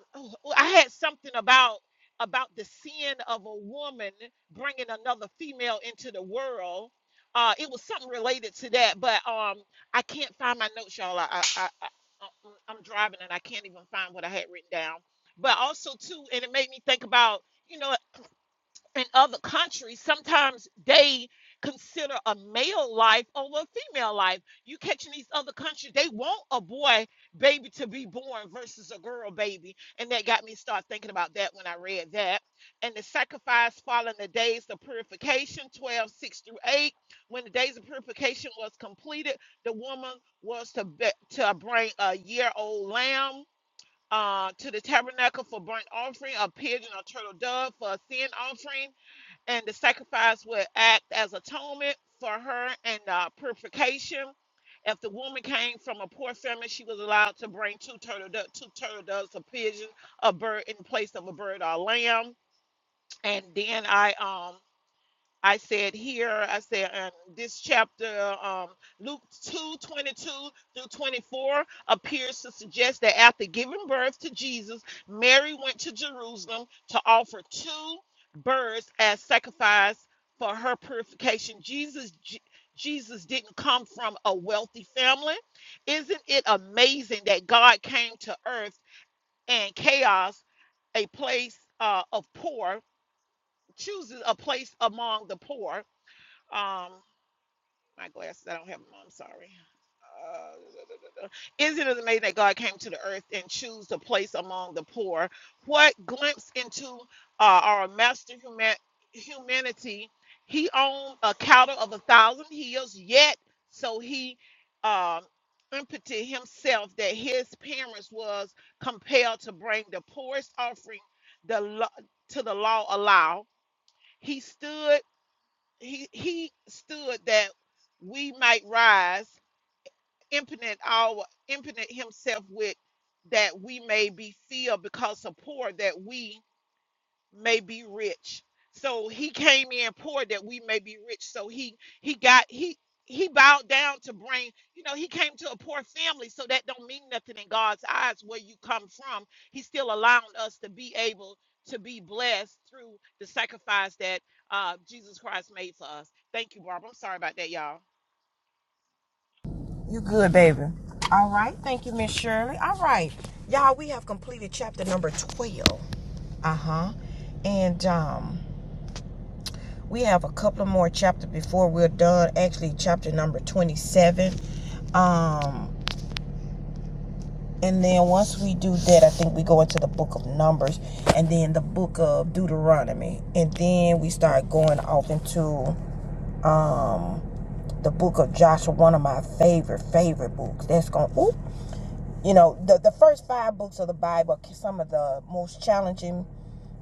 I had something about about the sin of a woman bringing another female into the world. Uh, it was something related to that, but um, I can't find my notes, y'all. I, I, I, I uh, I'm driving and I can't even find what I had written down. But also too, and it made me think about you know in other countries, sometimes they consider a male life over a female life. You catch in these other countries, they want a boy baby to be born versus a girl baby. And that got me start thinking about that when I read that. And the sacrifice following the days of purification, 12 6 through 8. When the days of purification was completed, the woman was to, be, to bring a year old lamb uh, to the tabernacle for burnt offering, a pigeon or turtle dove for a sin offering and the sacrifice would act as atonement for her and uh, purification. If the woman came from a poor family, she was allowed to bring two turtle do- two turtle doves, a pigeon, a bird in place of a bird or a lamb. And then I um. I said here, I said um, this chapter, um, Luke 2 22 through 24, appears to suggest that after giving birth to Jesus, Mary went to Jerusalem to offer two birds as sacrifice for her purification. Jesus, J- Jesus didn't come from a wealthy family. Isn't it amazing that God came to earth and chaos a place uh, of poor, chooses a place among the poor. Um, my glasses, I don't have them. on, I'm sorry. Uh, Isn't it amazing that God came to the earth and chose a place among the poor? What glimpse into uh, our master human humanity? He owned a cattle of a thousand hills, yet so he um, impotent himself that his parents was compelled to bring the poorest offering the lo- to the law allow. He stood he he stood that we might rise, impotent our impotent himself with that we may be filled because of pour that we may be rich. So he came in poor that we may be rich. So he he got he he bowed down to bring, you know, he came to a poor family, so that don't mean nothing in God's eyes where you come from. He's still allowing us to be able to be blessed through the sacrifice that uh, Jesus Christ made for us. Thank you, Barbara. I'm sorry about that, y'all.
you good baby all right thank you miss shirley all right y'all we have completed chapter number 12 uh-huh and um we have a couple of more chapters before we're done actually chapter number 27 um And then once we do that, I think we go into the book of Numbers and then the book of Deuteronomy. And then we start going off into um, the book of Joshua, one of my favorite, favorite books. That's going, oop. You know, the, the first five books of the Bible are some of the most challenging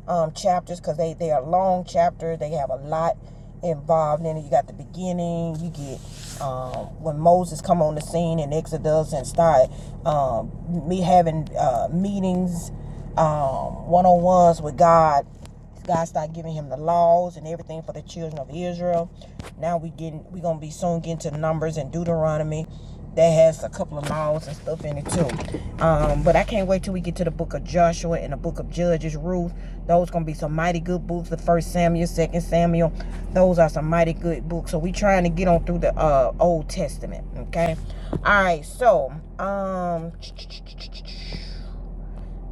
um, chapters because they, they are long chapters. They have a lot involved in it. You got the beginning. You get um, when Moses come on the scene in Exodus and start um, me having uh, meetings, um, one on ones with God God started giving him the laws and everything for the children of Israel. Now we getting we gonna be soon getting to Numbers and Deuteronomy. That has a couple of laws and stuff in it too. Um, but I can't wait till we get to the book of Joshua and the book of Judges, Ruth. Those gonna be some mighty good books. The first Samuel, second Samuel. Those are some mighty good books. So we trying to get on through the uh Old Testament. Okay. All right, so um (tsk)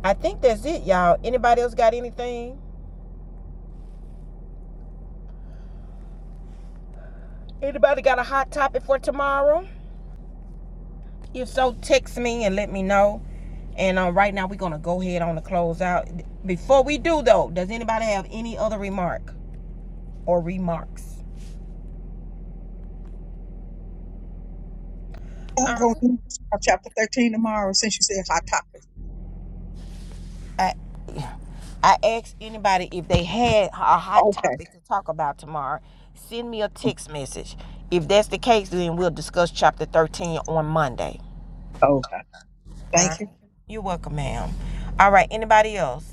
I think that's it, y'all. Anybody else got anything? Anybody got a hot topic for tomorrow? If so, text me and let me know. And uh, right now, we're going to go ahead on the close out. Before we do, though, does anybody have any other remark or remarks? All
I'm going
right.
to do chapter 13 tomorrow since you said hot topic.
I, I asked anybody if they had a hot
Okay.
topic to talk about tomorrow, send me a text message. If that's the case, then we'll discuss chapter 13 on Monday.
Okay.
All
Thank
right.
you.
You're welcome, ma'am. All right. Anybody else?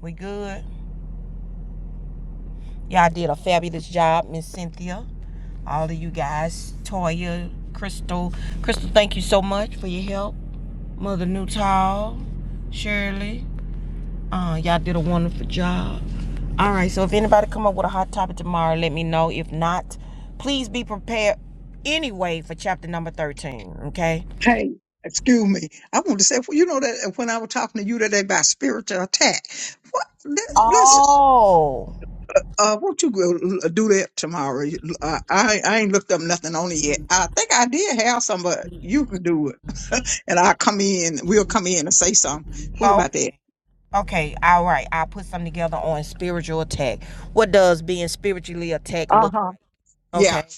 We good? Y'all did a fabulous job, Miss Cynthia. all of you guys, Toya, Crystal. Crystal, thank you so much for your help. Mother Newtall, Shirley, uh, y'all did a wonderful job. All right, so if anybody come up with a hot topic tomorrow, let me know. If not, please be prepared anyway for chapter number 13, okay?
Hey, excuse me. I want to say, you know that uh, when I was talking to you today about spiritual attack, what, let, let's,
Oh,
uh, uh, won't you go l- do that tomorrow? You- Uh, I, I ain't looked up nothing on it yet. I think I did have some, but you can do it. (laughs) and I'll come in, we'll come in and say something. What about
okay.
that?
Okay, all right. I'll put something together on spiritual attack. What does being spiritually attacked
Uh
look
huh.
like?
Yeah.
Okay.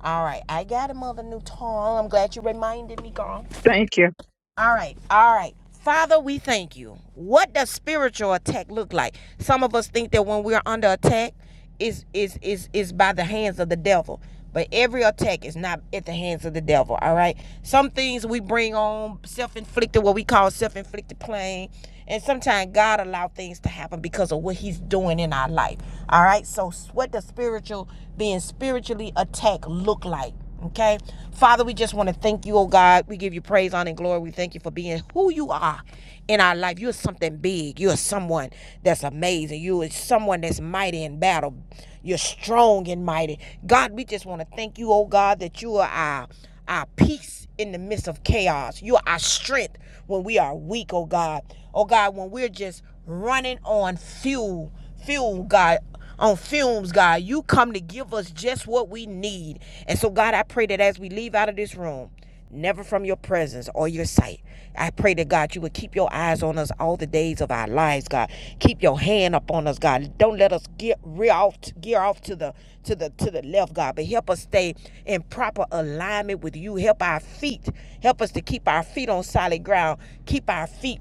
All right, I got it, Mother Newton. I'm glad you reminded me, girl.
Thank you.
All right, all right. Father, we thank you. What does spiritual attack look like? Some of us think that when we are under attack, is is is is by the hands of the devil. But every attack is not at the hands of the devil. All right. Some things we bring on self-inflicted, what we call self-inflicted pain, and sometimes God allow things to happen because of what He's doing in our life. All right. So, what does spiritual being spiritually attacked look like? Okay. Father, we just want to thank you, oh God. We give you praise, honor, and glory. We thank you for being who you are in our life. You're something big. You're someone that's amazing. You are someone that's mighty in battle. You're strong and mighty. God, we just want to thank you, oh God, that you are our our peace in the midst of chaos. You are our strength when we are weak, oh God. Oh God, when we're just running on fuel, fuel, God on fumes, God. You come to give us just what we need. And so, God, I pray that as we leave out of this room, never from your presence or your sight. I pray that God, you would keep your eyes on us all the days of our lives, God. Keep your hand upon us, God. Don't let us get rear off, gear off to the to the to the left, God. But help us stay in proper alignment with you. Help our feet. Help us to keep our feet on solid ground. Keep our feet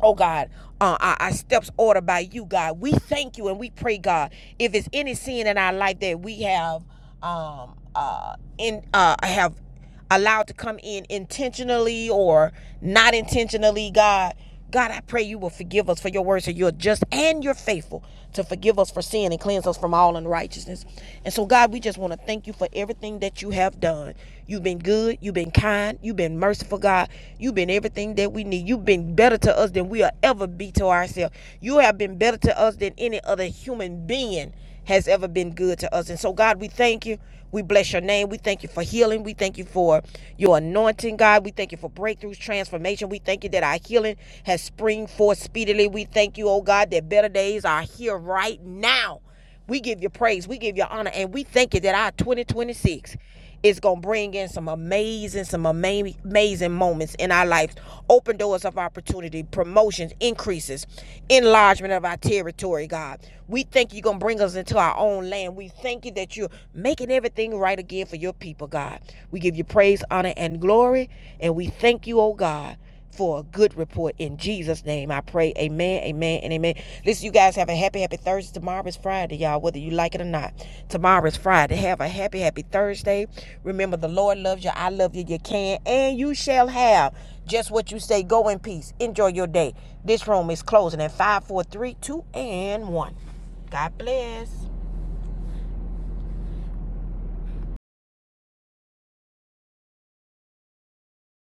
Oh God, uh, our, our steps ordered by you, God. We thank you and we pray, God. If it's any sin in our life that we have, um, uh, in uh, have allowed to come in intentionally or not intentionally, God, God, I pray you will forgive us for your words, so you're just and you're faithful to forgive us for sin and cleanse us from all unrighteousness. And so, God, we just want to thank you for everything that you have done. You've been good. You've been kind. You've been merciful, God. You've been everything that we need. You've been better to us than we'll ever be to ourselves. You have been better to us than any other human being has ever been good to us. And so, God, we thank you. We bless your name. We thank you for healing. We thank you for your anointing, God. We thank you for breakthroughs, transformation. We thank you that our healing has spring forth speedily. We thank you, oh God, that better days are here right now. We give you praise. We give you honor. And we thank you that our 2026 is going to bring in some amazing, some ama- amazing moments in our lives. Open doors of opportunity, promotions, increases, enlargement of our territory, God. We thank you're going to bring us into our own land. We thank you that you're making everything right again for your people, God. We give you praise, honor, and glory. And we thank you, oh God for a good report in Jesus' name. I pray. Amen, amen, and amen. Listen, you guys have a happy, happy Thursday. Tomorrow is Friday, y'all, whether you like it or not. Tomorrow is Friday. Have a happy, happy Thursday. Remember, the Lord loves you. I love you. You can and you shall have just what you say. Go in peace. Enjoy your day. This room is closing at 5, 4, 3, 2, and 1. God bless.